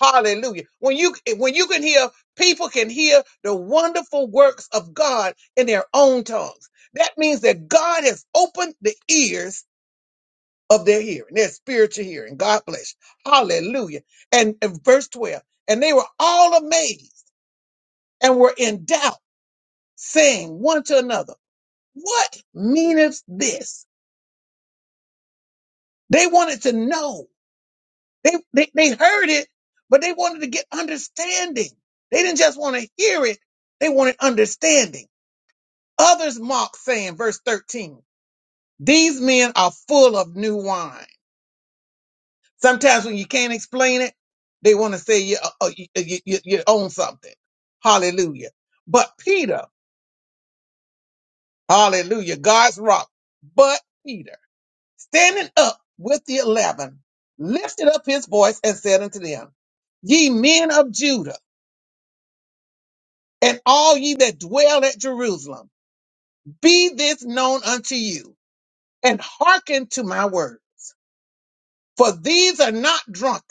Speaker 1: Hallelujah. When you when you can hear people can hear the wonderful works of God in their own tongues. That means that God has opened the ears of their hearing, their spiritual hearing. God bless. you. Hallelujah. And, and verse 12, and they were all amazed and were in doubt, saying one to another, What meaneth this? They wanted to know. They, they, they heard it, but they wanted to get understanding. They didn't just want to hear it, they wanted understanding. Others mocked, saying, verse 13, These men are full of new wine. Sometimes when you can't explain it, they want to say you, uh, uh, you, uh, you, you, you own something. Hallelujah. But Peter, hallelujah, God's rock. But Peter, standing up with the eleven, lifted up his voice and said unto them, Ye men of Judah, and all ye that dwell at Jerusalem, be this known unto you, and hearken to my words. For these are not drunken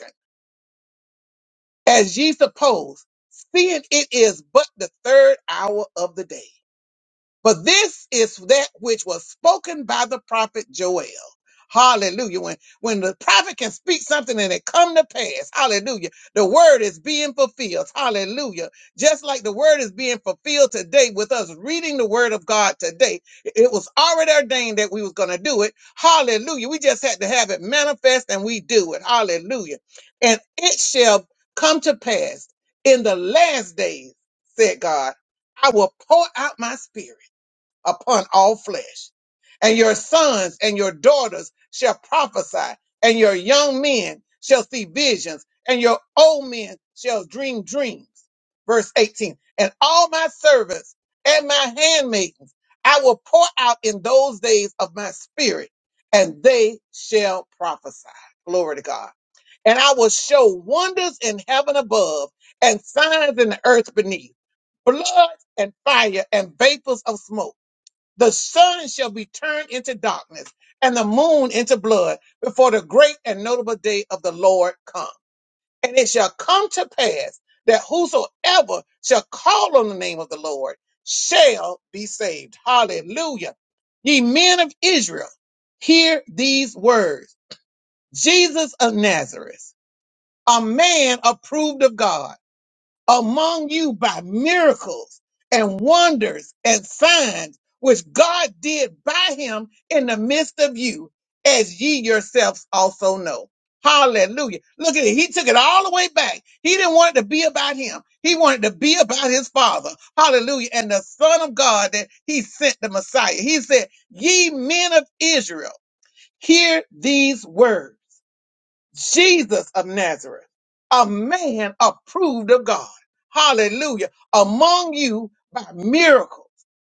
Speaker 1: as ye suppose, seeing it is but the third hour of the day. But this is that which was spoken by the prophet Joel. Hallelujah. When, when the prophet can speak something and it come to pass, hallelujah, the word is being fulfilled. Hallelujah. Just like the word is being fulfilled today with us reading the word of God today. It was already ordained that we was going to do it. Hallelujah. We just had to have it manifest and we do it. Hallelujah. And it shall come to pass in the last days, said God, I will pour out my spirit upon all flesh. And your sons and your daughters shall prophesy, and your young men shall see visions, and your old men shall dream dreams. Verse 18 And all my servants and my handmaidens I will pour out in those days of my spirit, and they shall prophesy. Glory to God. And I will show wonders in heaven above and signs in the earth beneath blood and fire and vapors of smoke. The sun shall be turned into darkness and the moon into blood before the great and notable day of the Lord come. And it shall come to pass that whosoever shall call on the name of the Lord shall be saved. Hallelujah. Ye men of Israel, hear these words. Jesus of Nazareth, a man approved of God among you by miracles and wonders and signs which God did by him in the midst of you, as ye yourselves also know. Hallelujah. Look at it. He took it all the way back. He didn't want it to be about him. He wanted to be about his father. Hallelujah. And the son of God that he sent the Messiah. He said, ye men of Israel, hear these words. Jesus of Nazareth, a man approved of God. Hallelujah. Among you by miracles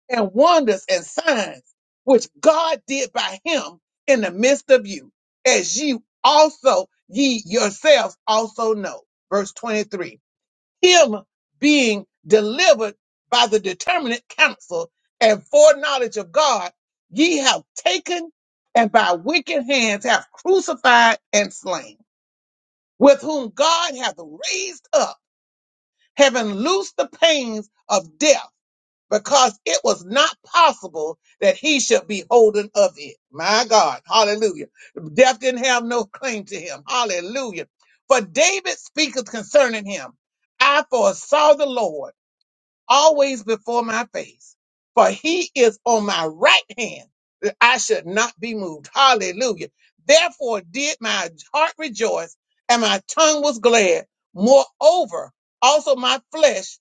Speaker 1: and wonders and signs, which God did by him in the midst of you, as you also ye yourselves also know. Verse 23. Him being delivered by the determinate counsel and foreknowledge of God, ye have taken and by wicked hands have crucified and slain with whom God hath raised up, having loosed the pains of death, because it was not possible that he should be holden of it. My God, hallelujah. Death didn't have no claim to him. Hallelujah. For David speaketh concerning him. I foresaw the Lord always before my face. For he is on my right hand that I should not be moved. Hallelujah. Therefore did my heart rejoice and my tongue was glad. Moreover, also my flesh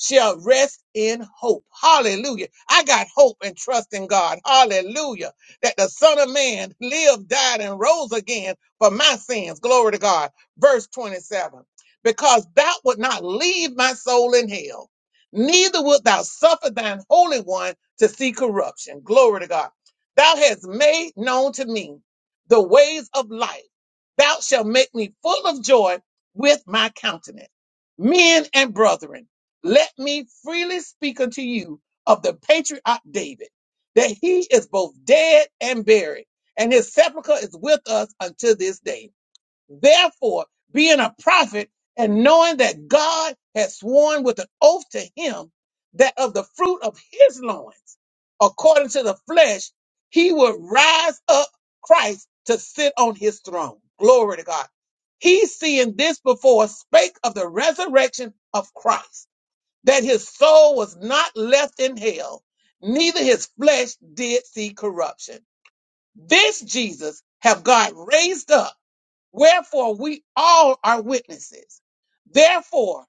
Speaker 1: shall rest in hope. Hallelujah. I got hope and trust in God. Hallelujah. That the son of man lived, died and rose again for my sins. Glory to God. Verse 27. Because thou would not leave my soul in hell neither wilt thou suffer thine holy one to see corruption. Glory to God. Thou hast made known to me the ways of life. Thou shalt make me full of joy with my countenance. Men and brethren, let me freely speak unto you of the patriarch David, that he is both dead and buried, and his sepulchre is with us unto this day. Therefore, being a prophet and knowing that God had sworn with an oath to him that of the fruit of his loins, according to the flesh, he would rise up Christ to sit on his throne. Glory to God. He seeing this before spake of the resurrection of Christ, that his soul was not left in hell, neither his flesh did see corruption. This Jesus have God raised up Wherefore, we all are witnesses. Therefore,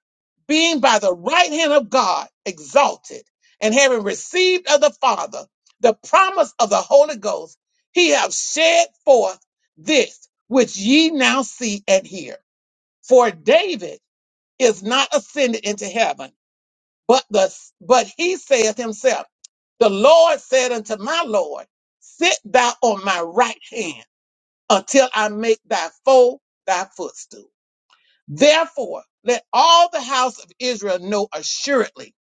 Speaker 1: being by the right hand of God exalted, and having received of the Father the promise of the Holy Ghost, he hath shed forth this which ye now see and hear. For David is not ascended into heaven, but the but he saith himself, The Lord said unto my Lord, Sit thou on my right hand until I make thy foe thy footstool. Therefore, let all the house of Israel know assuredly.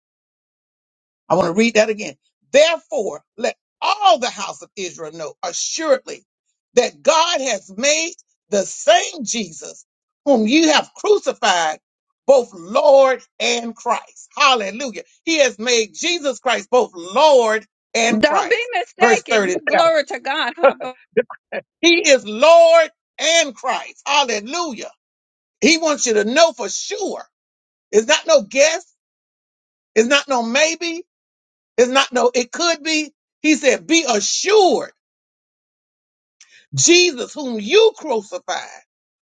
Speaker 1: I want to read that again. Therefore, let all the house of Israel know assuredly that God has made the same Jesus whom you have crucified both Lord and Christ. Hallelujah. He has made Jesus Christ both Lord and
Speaker 6: be
Speaker 1: Christ. Verse
Speaker 6: mistaken.
Speaker 1: 37.
Speaker 6: Glory to God.
Speaker 1: He is Lord and Christ. Hallelujah. He wants you to know for sure. It's not no guess. It's not no maybe. It's not no it could be. He said, Be assured, Jesus, whom you crucified,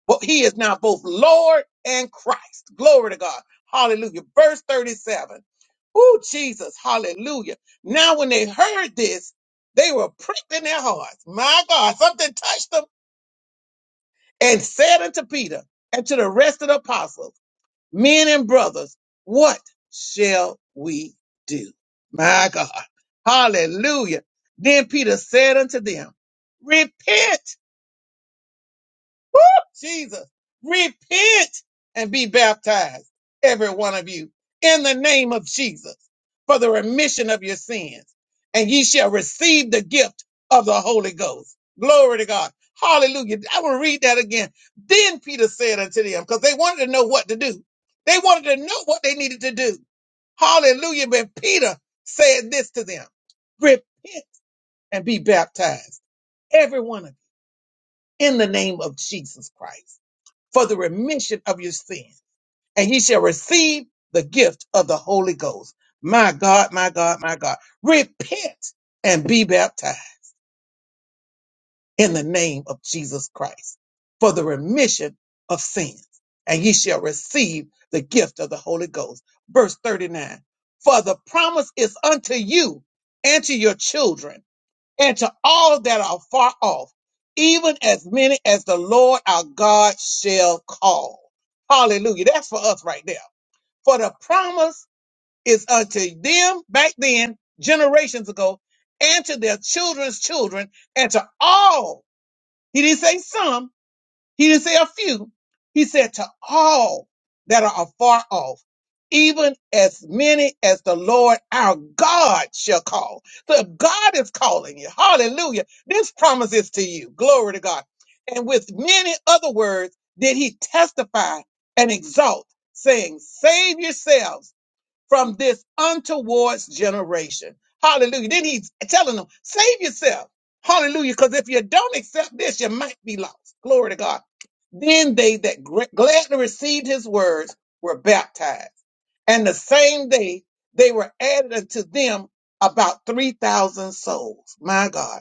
Speaker 1: well, he is now both Lord and Christ. Glory to God. Hallelujah. Verse 37. Oh, Jesus. Hallelujah. Now, when they heard this, they were pricked in their hearts. My God, something touched them and said unto Peter and to the rest of the apostles. men and brothers, what shall we do? My God. Hallelujah. Then Peter said unto them, repent Woo, Jesus, repent and be baptized, every one of you, in the name of Jesus, for the remission of your sins, and ye shall receive the gift of the Holy Ghost. Glory to God. Hallelujah. I will read that again. Then Peter said unto them, because they wanted to know what to do. They wanted to know what they needed to do. Hallelujah. But Peter said this to them, repent and be baptized, every one of you, in the name of Jesus Christ for the remission of your sins, and ye shall receive the gift of the Holy Ghost. My God, my God, my God. Repent and be baptized in the name of Jesus Christ for the remission of sins, and ye shall receive the gift of the Holy Ghost. Verse 39 For the promise is unto you and to your children and to all that are far off, even as many as the Lord our God shall call. Hallelujah. That's for us right there. For the promise is unto them back then, generations ago, and to their children's children, and to all. He didn't say some, he didn't say a few. He said to all that are afar off, even as many as the Lord our God shall call. So if God is calling you, hallelujah, this promise is to you. Glory to God. And with many other words did he testify and exalt, saying, Save yourselves from this untoward generation. Hallelujah. Then he's telling them, save yourself. Hallelujah. Because if you don't accept this, you might be lost. Glory to God. Then they that gr- gladly received his words were baptized. And the same day they were added unto them about 3,000 souls. My God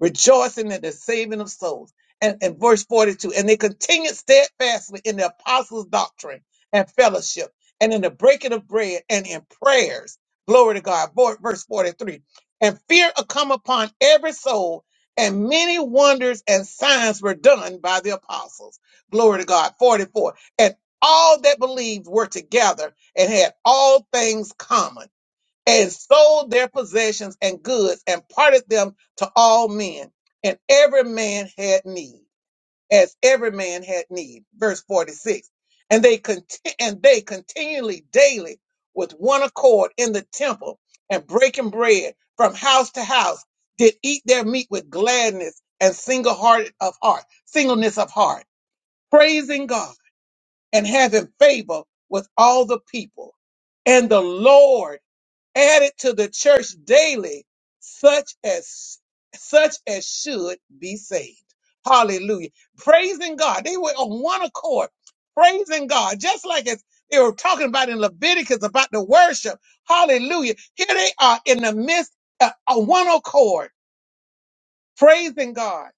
Speaker 1: rejoicing in the saving of souls. And, and verse 42, and they continued steadfastly in the apostles' doctrine and fellowship and in the breaking of bread and in prayers. Glory to God. Vo- Verse 43, and fear had come upon every soul and many wonders and signs were done by the apostles. Glory to God. 44, and all that believed were together and had all things common and sold their possessions and goods and parted them to all men. And every man had need, as every man had need. Verse 46. And they conti- and they continually daily with one accord in the temple and breaking bread from house to house did eat their meat with gladness and single hearted of heart, singleness of heart, praising God and having favor with all the people. And the Lord added to the church daily such as such as should be saved hallelujah praising god they were on one accord praising god just like as they were talking about in leviticus about the worship hallelujah here they are in the midst of a one accord praising god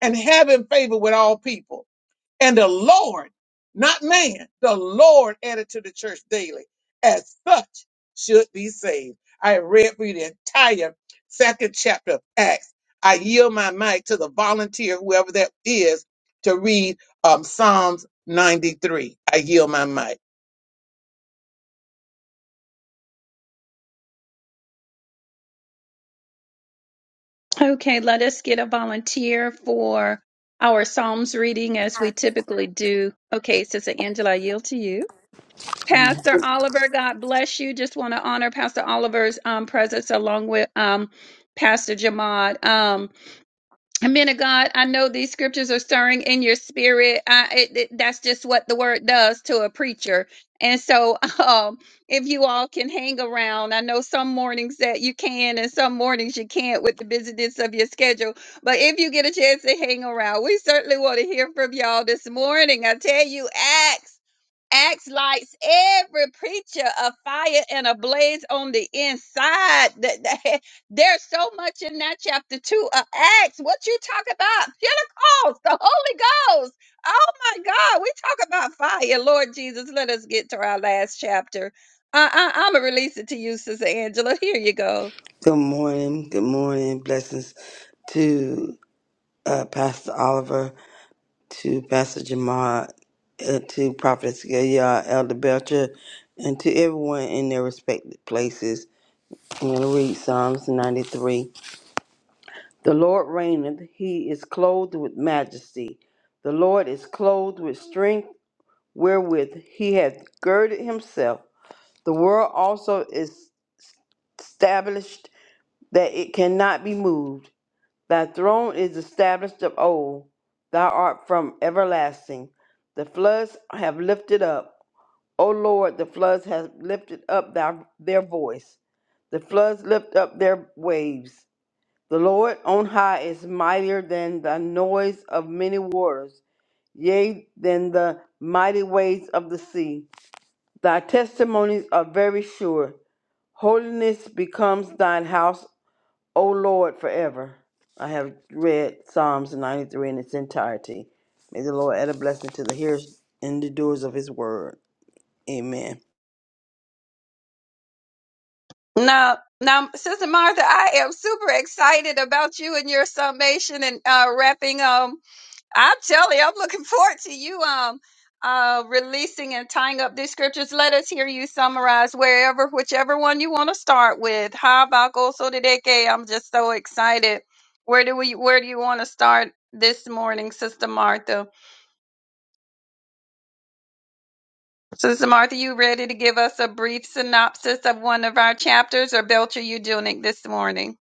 Speaker 1: and having favor with all people and the Lord, not man, the Lord added to the church daily. As such should be saved. I read for you the entire second chapter of Acts. I yield my mic to the volunteer, whoever that is, to read um, Psalms 93. I yield my mic.
Speaker 6: Okay, let us get a volunteer for our Psalms reading as we typically do. Okay, Sister Angela, I yield to you. Pastor Oliver, God bless you. Just want to honor Pastor Oliver's um, presence along with um, Pastor Jamad. Um, men of God, I know these scriptures are stirring in your spirit. I, it, it- that's just what the word does to a preacher. And so, um, if you all can hang around, I know some mornings that you can and some mornings you can't with the busyness of your schedule. But if you get a chance to hang around, we certainly want to hear from y'all this morning. I tell you, Acts. Acts lights every preacher a fire and a blaze on the inside. Th- th- There's so much in that chapter two of Acts. What you talk about? Pentecost, the Holy Ghost. Oh my God, we talk about fire. Lord Jesus, let us get to our last chapter. I, I, I'm gonna release it to you, Sister Angela. Here you go.
Speaker 5: Good morning. Good morning. Blessings to uh, Pastor Oliver, to Pastor Jamar, uh, to Prophet Gaia, Elder Belcher, and to everyone in their respective places. I'm going to read Psalms 93. The Lord reigneth, he is clothed with majesty. The Lord is clothed with strength, wherewith he hath girded himself. The world also is established that it cannot be moved. Thy throne is established of old. Thou art from everlasting. The floods have lifted up. O Lord, the floods have lifted up thy, their voice. The floods lift up their waves. The Lord on high is mightier than the noise of many waters, yea, than the mighty waves of the sea. Thy testimonies are very sure. Holiness becomes thine house O Lord, forever. I have read Psalms 93 in its entirety. May the Lord add a blessing to the hearers and the doers of his word. Amen.
Speaker 6: Now, now, Sister Martha, I am super excited about you and your summation and uh, wrapping Um. I tell you, I'm looking forward to you um uh releasing and tying up these scriptures. Let us hear you summarize wherever, whichever one you want to start with. How about Gosodeke? I'm just so excited. Where do we where do you want to start this morning, Sister Martha? Sister Martha, you ready to give us a brief synopsis of one of our chapters or Belcher Eugenic this morning?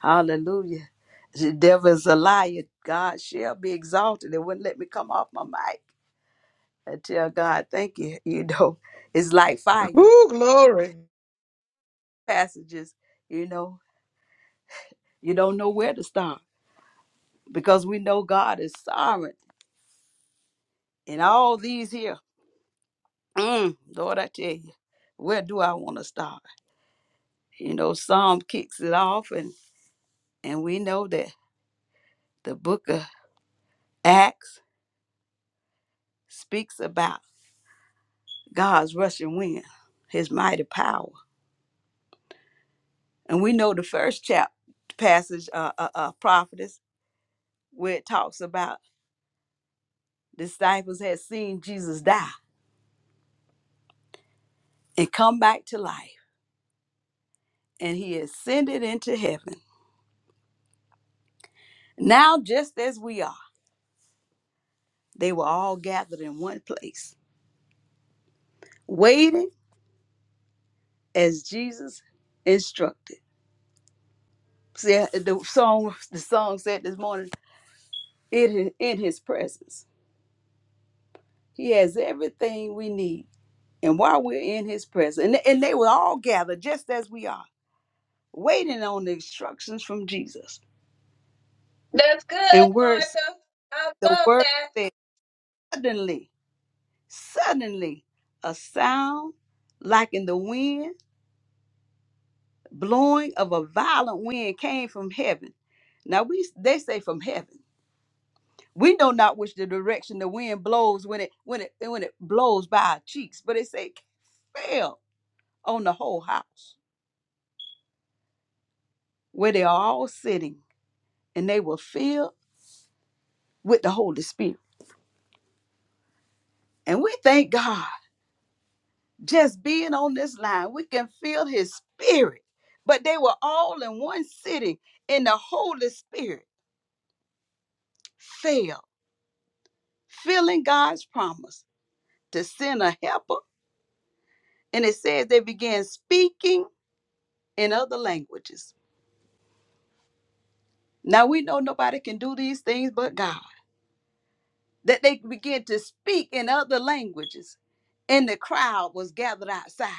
Speaker 2: Hallelujah. The devil is a liar. God shall be exalted. It wouldn't let me come off my mic. I tell God, thank you. You know, it's like fire
Speaker 1: Woo, glory.
Speaker 2: passages. You know, you don't know where to start because we know God is sovereign. And all these here, mm, Lord, I tell you, where do I want to start? You know, Psalm kicks it off, and and we know that the book of Acts speaks about God's rushing wind, His mighty power And we know the first chap passage, uh, uh, uh, prophetess, where it talks about disciples had seen Jesus die and come back to life, and he ascended into heaven. Now, just as we are, they were all gathered in one place, waiting as Jesus instructed. See, uh, the song, the song said this morning, in, in his presence. He has everything we need. And while we're in his presence, and, and they were all gathered just as we are waiting on the instructions from Jesus.
Speaker 6: That's good,
Speaker 2: And words,
Speaker 6: Martha. I
Speaker 2: the
Speaker 6: love
Speaker 2: word
Speaker 6: that.
Speaker 2: said, suddenly, suddenly, a sound like in the wind, blowing of a violent wind came from heaven. Now we they say from heaven. We know not which the direction the wind blows when it when it when it blows by our cheeks, but it say fell on the whole house where they are all sitting, and they were filled with the Holy Spirit. And we thank God just being on this line, we can feel his spirit. But they were all in one sitting, and the Holy Spirit fell, filling God's promise to send a helper. And it says they began speaking in other languages. Now we know nobody can do these things but God, that they began to speak in other languages. And the crowd was gathered outside,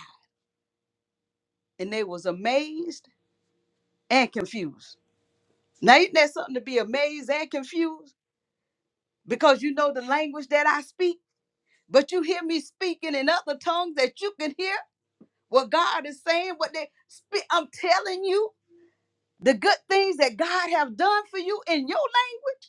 Speaker 2: and they was amazed and confused. Now, isn't that something to be amazed and confused? because you know the language that I speak. But you hear me speaking in other tongues that you can hear what God is saying, what they speak. I'm telling you the good things that God have done for you in your language,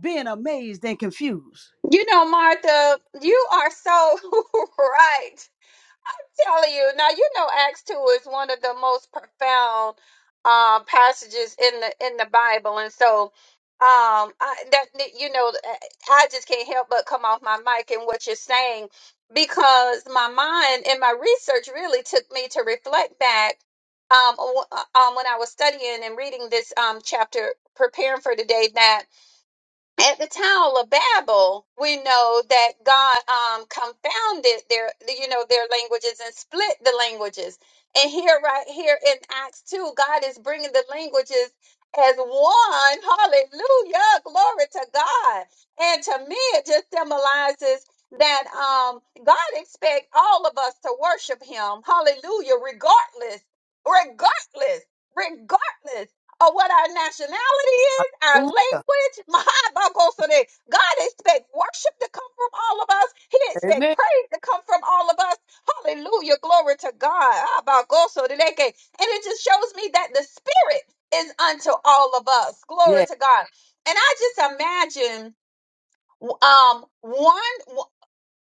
Speaker 2: being amazed and confused.
Speaker 6: You know, Martha, you are so right. telling you now you know acts 2 is one of the most profound um passages in the in the bible and so um I, that you know i just can't help but come off my mic and what you're saying because my mind and my research really took me to reflect back um, w- uh, um when i was studying and reading this um chapter preparing for today that at the Tower of Babel, we know that God um, confounded their, you know, their languages and split the languages. And here, right here in Acts two, God is bringing the languages as one. Hallelujah, glory to God. And to me, it just symbolizes that um, God expects all of us to worship Him. Hallelujah, regardless, regardless, regardless or what our nationality is, our
Speaker 2: Hallelujah.
Speaker 6: language. My Bible today. God expects worship to come from all of us. He expects
Speaker 2: Amen.
Speaker 6: praise to come from all of us. Hallelujah. Glory to God. Ah, Bible today. And it just shows me that the Spirit is unto all of us. Glory
Speaker 2: Yeah,
Speaker 6: to God. And I just imagine um one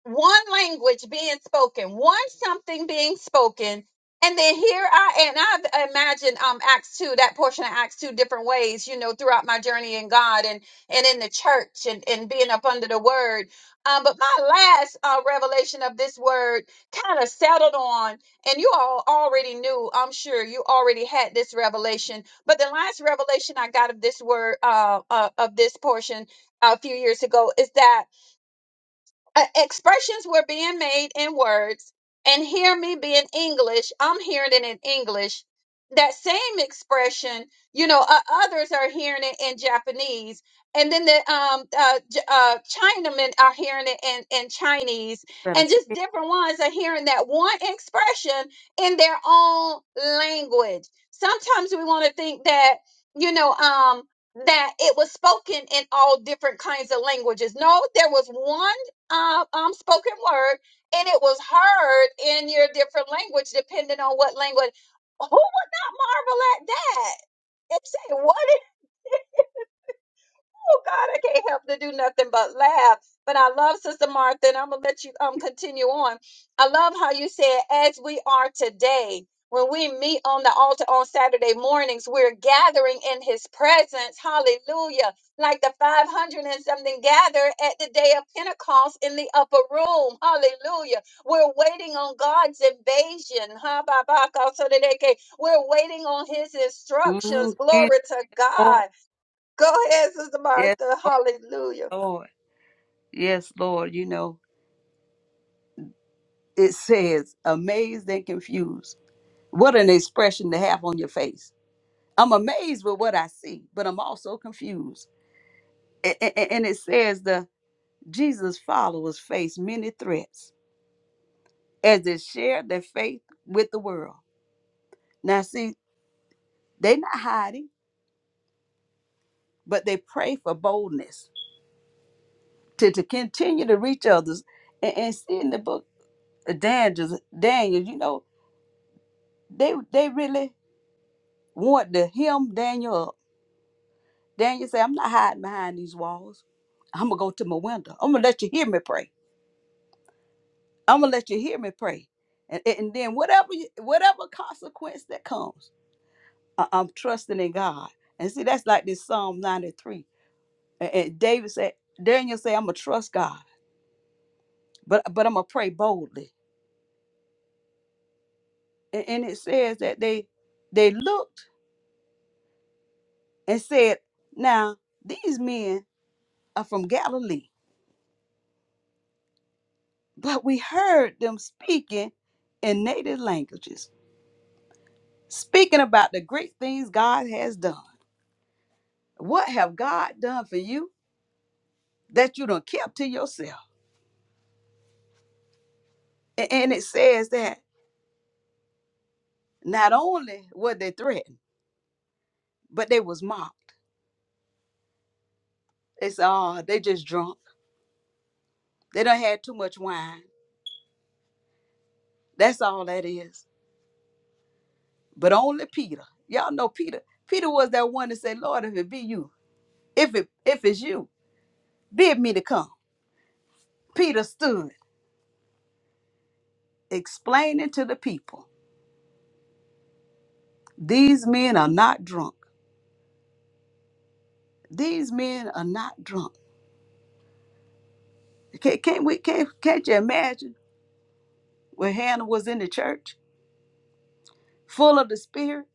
Speaker 6: one language being spoken, one something being spoken. And then here I and I've imagined um Acts two, that portion of Acts two different ways, you know, throughout my journey in God and and in the church and, and being up under the word. Um, but my last uh, revelation of this word kind of settled on, and you all already knew, I'm sure you already had this revelation. But the last revelation I got of this word, uh, uh of this portion a few years ago is that uh, expressions were being made in words and hear me being english i'm hearing it in english that same expression you know uh, others are hearing it in japanese and then the um uh, J- uh chinamen are hearing it in in chinese
Speaker 2: better
Speaker 6: and
Speaker 2: say.
Speaker 6: just different ones are hearing that one expression in their own language sometimes we want to think that you know um that it was spoken in all different kinds of languages. No, there was one um, um spoken word and it was heard in your different language depending on what language who would not marvel at that and say what oh God, I can't help to do nothing but laugh. But I love Sister Martha, and I'm gonna let you um continue on. I love how you said, as we are today, when we meet on the altar on Saturday mornings, we're gathering in his presence. Hallelujah. Like the 500 and something gathered at the day of Pentecost in the upper room. Hallelujah. We're waiting on God's invasion. Ha, ba, ba, ka, so, da, da, ke. We're waiting on his
Speaker 2: Mm,
Speaker 6: instructions.
Speaker 2: yes,
Speaker 6: Glory to
Speaker 2: Lord.
Speaker 6: God. Go ahead, Sister
Speaker 2: Yes,
Speaker 6: Martha. Hallelujah.
Speaker 2: Lord. Yes, Lord. You know, it says amazed and confused. What an expression to have on your face. I'm amazed with what I see, but I'm also confused. A- a- a- And it says the Jesus followers face many threats as they share their faith with the world. Now, see, they're not hiding, but they pray for boldness to, to continue to reach others. And, and see in the book of Daniel, Daniel, you know, they they really want to hem Daniel up. Daniel said, I'm not hiding behind these walls. I'm gonna go to my window. I'm gonna let you hear me pray. I'm gonna let you hear me pray. And, and and then whatever you- whatever consequence that comes, I, I'm trusting in God. And see, that's like this Psalm 93 And, and David said, Daniel said, I'm gonna trust God, but but I'm gonna pray boldly. And, and it says that they they looked and said, Now these men are from Galilee, but we heard them speaking in native languages, speaking about the great things God has done. What have God done for you that you don't kept to yourself? A- And it says that not only were they threatened, but they was mocked. They said, "Oh, they just drunk." They done had too much wine. That's all that is. But only Peter. Y'all know Peter. Peter was that one that said, Lord, if it be you, if it if it's you, bid me to come. Peter stood explaining to the people, these men are not drunk. These men are not drunk. Can't, can't we can't can't you imagine when Hannah was in the church, full of the spirit?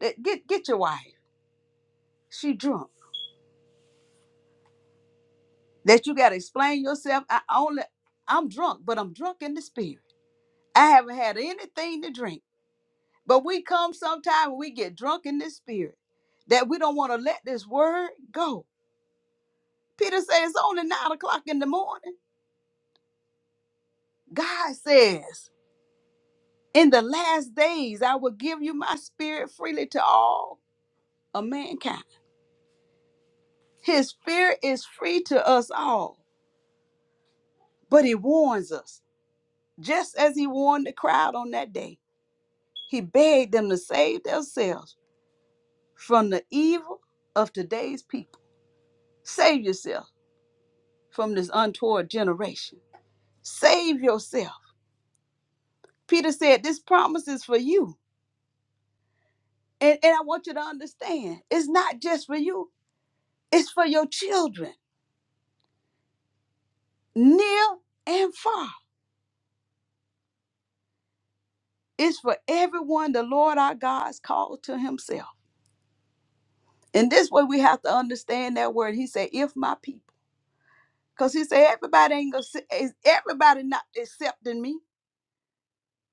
Speaker 2: That get get your wife. She drunk. That you gotta explain yourself. I only I'm drunk, but I'm drunk in the spirit. I haven't had anything to drink. But we come sometime and we get drunk in this spirit that we don't want to let this word go. Peter says it's only nine o'clock in the morning. God says, In the last days I will give you my spirit freely to all of mankind. His spirit is free to us all, but he warns us, just as he warned the crowd on that day. He begged them to save themselves from the evil of today's people. Save yourself from this untoward generation. Save yourself. Peter said, This promise is for you. And, and I want you to understand it's not just for you, it's for your children, near and far. It's for everyone the Lord our God has called to himself. And this way we have to understand that word. He said, If my people, because he said, Everybody ain't gonna, se- is everybody not accepting me,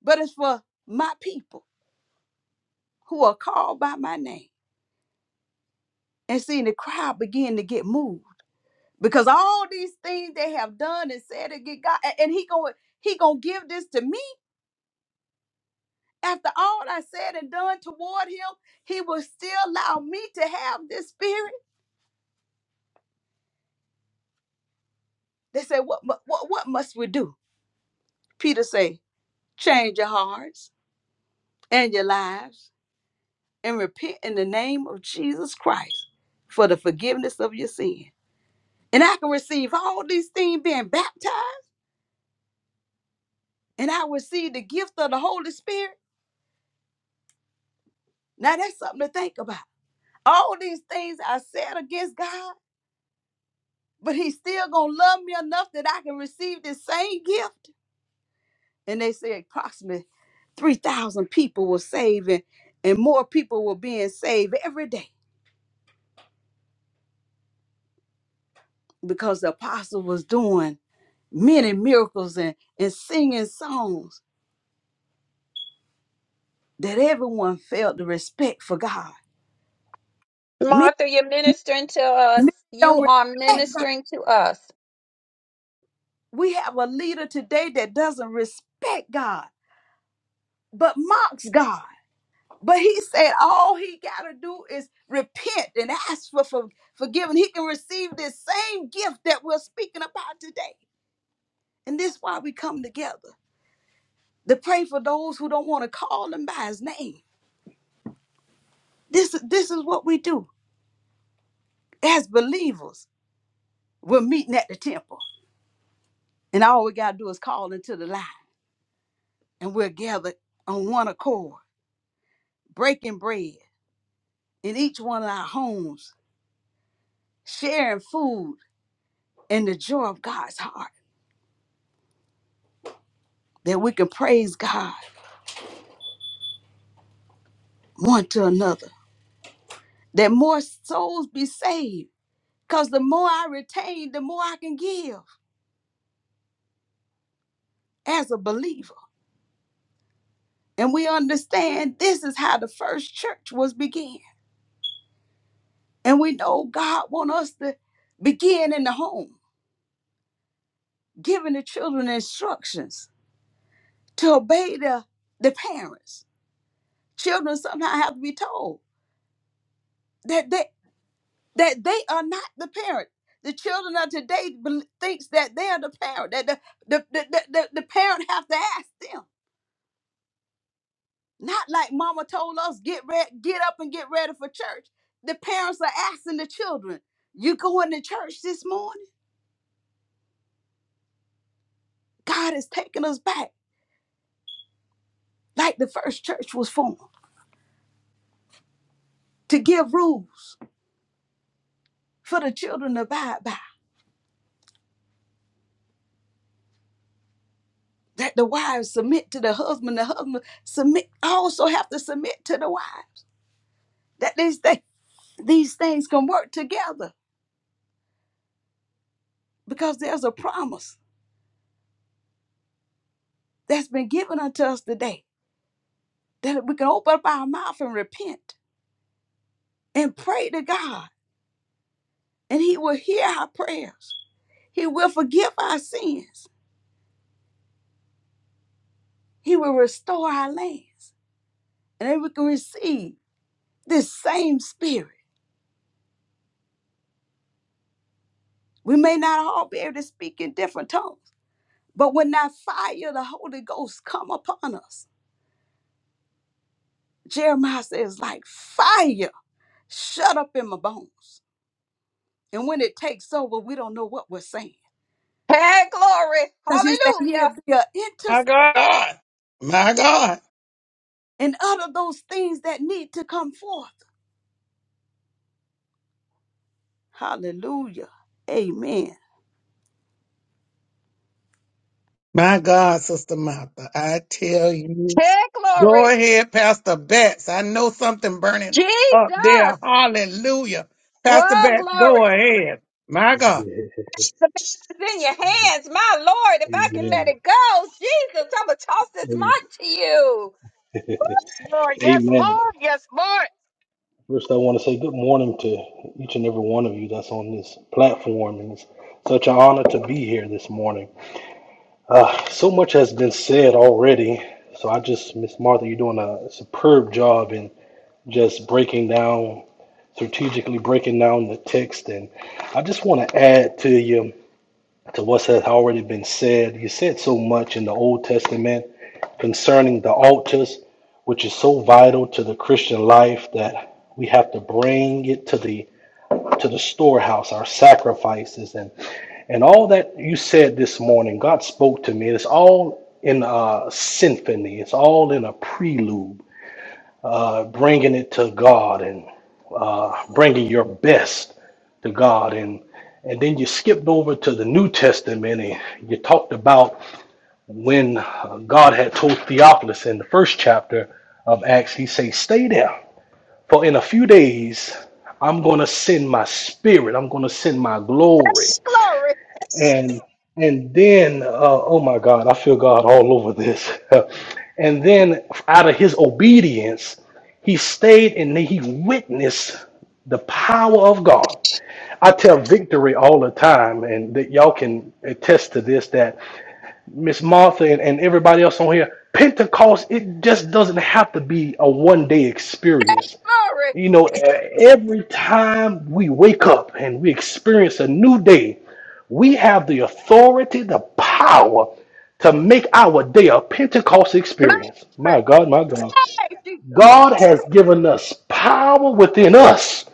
Speaker 2: but it's for my people who are called by my name. And seeing the crowd begin to get moved. because all these things they have done and said against God, a- and He going He gonna give this to me after all I said and done toward Him. He will still allow me to have this spirit. They say, what mu- what what must we do? Peter say, change your hearts and your lives and repent in the name of Jesus Christ for the forgiveness of your sin. And I can receive all these things being baptized, and I receive the gift of the Holy Spirit. Now that's something to think about. all these things I said against God, but he's still gonna love me enough that I can receive this same gift. And they said, approximately 3,000 people were saved and, and more people were being saved every day because the apostle was doing many miracles and, and singing songs that everyone felt the respect for God. Many,
Speaker 6: Martha, you're ministering to us.
Speaker 2: many
Speaker 6: You
Speaker 2: don't
Speaker 6: are
Speaker 2: respect God.
Speaker 6: ministering to us.
Speaker 2: We have a leader today that doesn't respect God, but mocks God But he said all he got to do is repent and ask for, for forgiveness. He can receive this same gift that we're speaking about today. And this is why we come together to pray for those who don't want to call him by his name. This, is- this is what we do as believers. We're meeting at the temple, and all we got to do is call into the line, and we're gathered on one accord, breaking bread in each one of our homes, sharing food and the joy of God's heart that we can praise God one to another, that more souls be saved. Because the more I retain, the more I can give as a believer. And we understand this is how the first church was began. And we know God want us to begin in the home, giving the children instructions to obey the, the parents. Children somehow have to be told that they that they are not the parent. The children of today bel- thinks that they are the parent, that the, the, the, the, the the parent have to ask them Not like mama told us, get ready, get up and get ready for church. The parents are asking the children, you going to church this morning? God is taking us back like the first church was formed to give rules for the children to abide by. That the wives submit to the husband, the husband submit also have to submit to the wives. That these, th- these things can work together because there's a promise that's been given unto us today that we can open up our mouth and repent and pray to God and he will hear our prayers. He will forgive our sins. He will restore our lands. And then we can receive this same spirit. We may not all be able to speak in different tongues, but when that fire of the Holy Ghost come upon us, Jeremiah says, like fire shut up in my bones. And when it takes over, we don't know what we're saying.
Speaker 6: Hey, glory.
Speaker 2: Because he said he'll
Speaker 6: Hallelujah.
Speaker 2: be an
Speaker 1: My
Speaker 2: intercessor
Speaker 1: God. My God.
Speaker 2: and utter those things that need to come forth. Hallelujah. Amen.
Speaker 1: My God, Sister Martha. I tell you.
Speaker 6: Hey,
Speaker 1: Go
Speaker 6: glory.
Speaker 1: ahead, Pastor Betts. I know something burning up there.
Speaker 6: Jesus.
Speaker 1: Hallelujah. Pastor
Speaker 6: Well,
Speaker 1: Betts, go
Speaker 6: glory.
Speaker 1: ahead. My God.
Speaker 6: The battle's in your hands, my Lord. If I can let
Speaker 7: Amen.
Speaker 6: it go, Jesus, I'm going to toss this mic to you.
Speaker 4: Lord, yes,
Speaker 7: Amen.
Speaker 4: Lord, yes, Lord.
Speaker 7: First, I want to say good morning to each and every one of you that's on this platform, and it's such an honor to be here this morning. Uh, so much has been said already, so I just, Miss Martha, you're doing a superb job in just breaking down, strategically breaking down the text, and I just want to add to you. to what has already been said. You said so much in the Old Testament concerning the altars, which is so vital to the Christian life that we have to bring it to the to the storehouse, our sacrifices and and all that you said this morning. God spoke to me. It's all in a symphony. It's all in a prelude uh, bringing it to God and uh, bringing your best to God. And, and then you skipped over to the New Testament and you talked about when uh, God had told Theophilus in the first chapter of Acts, he says, Stay there, for in a few days I'm going to send my spirit, I'm going to send my glory
Speaker 6: Glory,
Speaker 7: and and then uh, oh my god i feel god all over this and then out of his obedience he stayed and he witnessed the power of god i tell victory all the time and that y'all can attest to this that miss martha and, and everybody else on here pentecost it just doesn't have to be a one day experience
Speaker 6: glory,
Speaker 7: you know e- every time we wake up and we experience a new day we have the authority, the power to make our day a Pentecost
Speaker 6: my
Speaker 7: experience.
Speaker 6: Lord.
Speaker 7: My God, my God.
Speaker 6: Hey, Jesus.
Speaker 7: God has given us power within us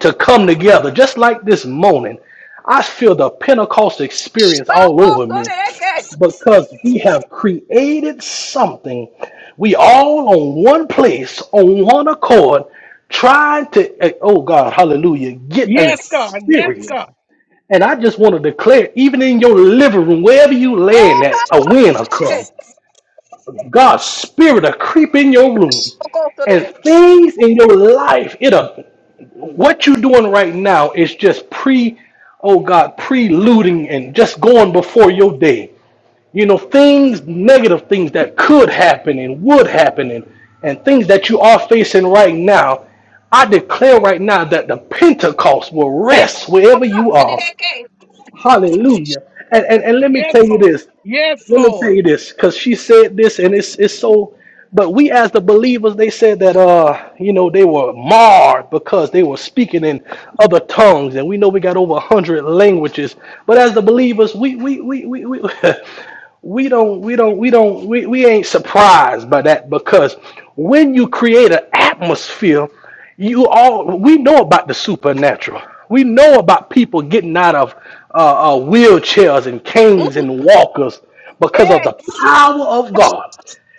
Speaker 7: to come together, just like this morning. I feel the Pentecost experience
Speaker 6: Oh,
Speaker 7: all
Speaker 6: oh,
Speaker 7: over
Speaker 6: so
Speaker 7: me
Speaker 6: that I can.
Speaker 7: because we have created something. We all on one place, on one accord, trying to, eh, oh God, hallelujah, get an
Speaker 1: Yes, God. Yes,
Speaker 7: experience
Speaker 1: God.
Speaker 7: and I just want to declare, even in your living room, wherever you
Speaker 6: Hey,
Speaker 7: laying
Speaker 6: oh,
Speaker 7: at,
Speaker 6: oh,
Speaker 7: a wind will
Speaker 6: so that I
Speaker 7: come.
Speaker 6: can.
Speaker 7: God's spirit will creep in your room.
Speaker 6: Oh, oh, so that I
Speaker 7: And
Speaker 6: can.
Speaker 7: things in your life, it'll what you're doing right now is just pre, oh God, preluding and just going before your day. You know, things, negative things that could happen and would happen and, and things that you are facing right now. I declare right now that the Pentecost will
Speaker 6: Hey,
Speaker 7: rest
Speaker 6: oh,
Speaker 7: wherever
Speaker 6: oh,
Speaker 7: you
Speaker 6: so that
Speaker 7: are.
Speaker 6: I can.
Speaker 7: Hallelujah. And, and and let me
Speaker 1: Yes,
Speaker 7: tell you
Speaker 1: Lord.
Speaker 7: this.
Speaker 1: Yes,
Speaker 7: Let me tell
Speaker 1: Lord.
Speaker 7: you this, because she said this, and it's it's so. But we as the believers, they said that uh, you know, they were marred because they were speaking in other tongues, and we know we got over a hundred languages. But as the believers, we we we we. we We don't, we don't, we don't, we, we ain't surprised by that because when you create an atmosphere you all we know about the supernatural we know about people getting out of uh, uh, wheelchairs and canes
Speaker 6: Mm,
Speaker 7: and walkers because of
Speaker 6: Yeah,
Speaker 7: the power of god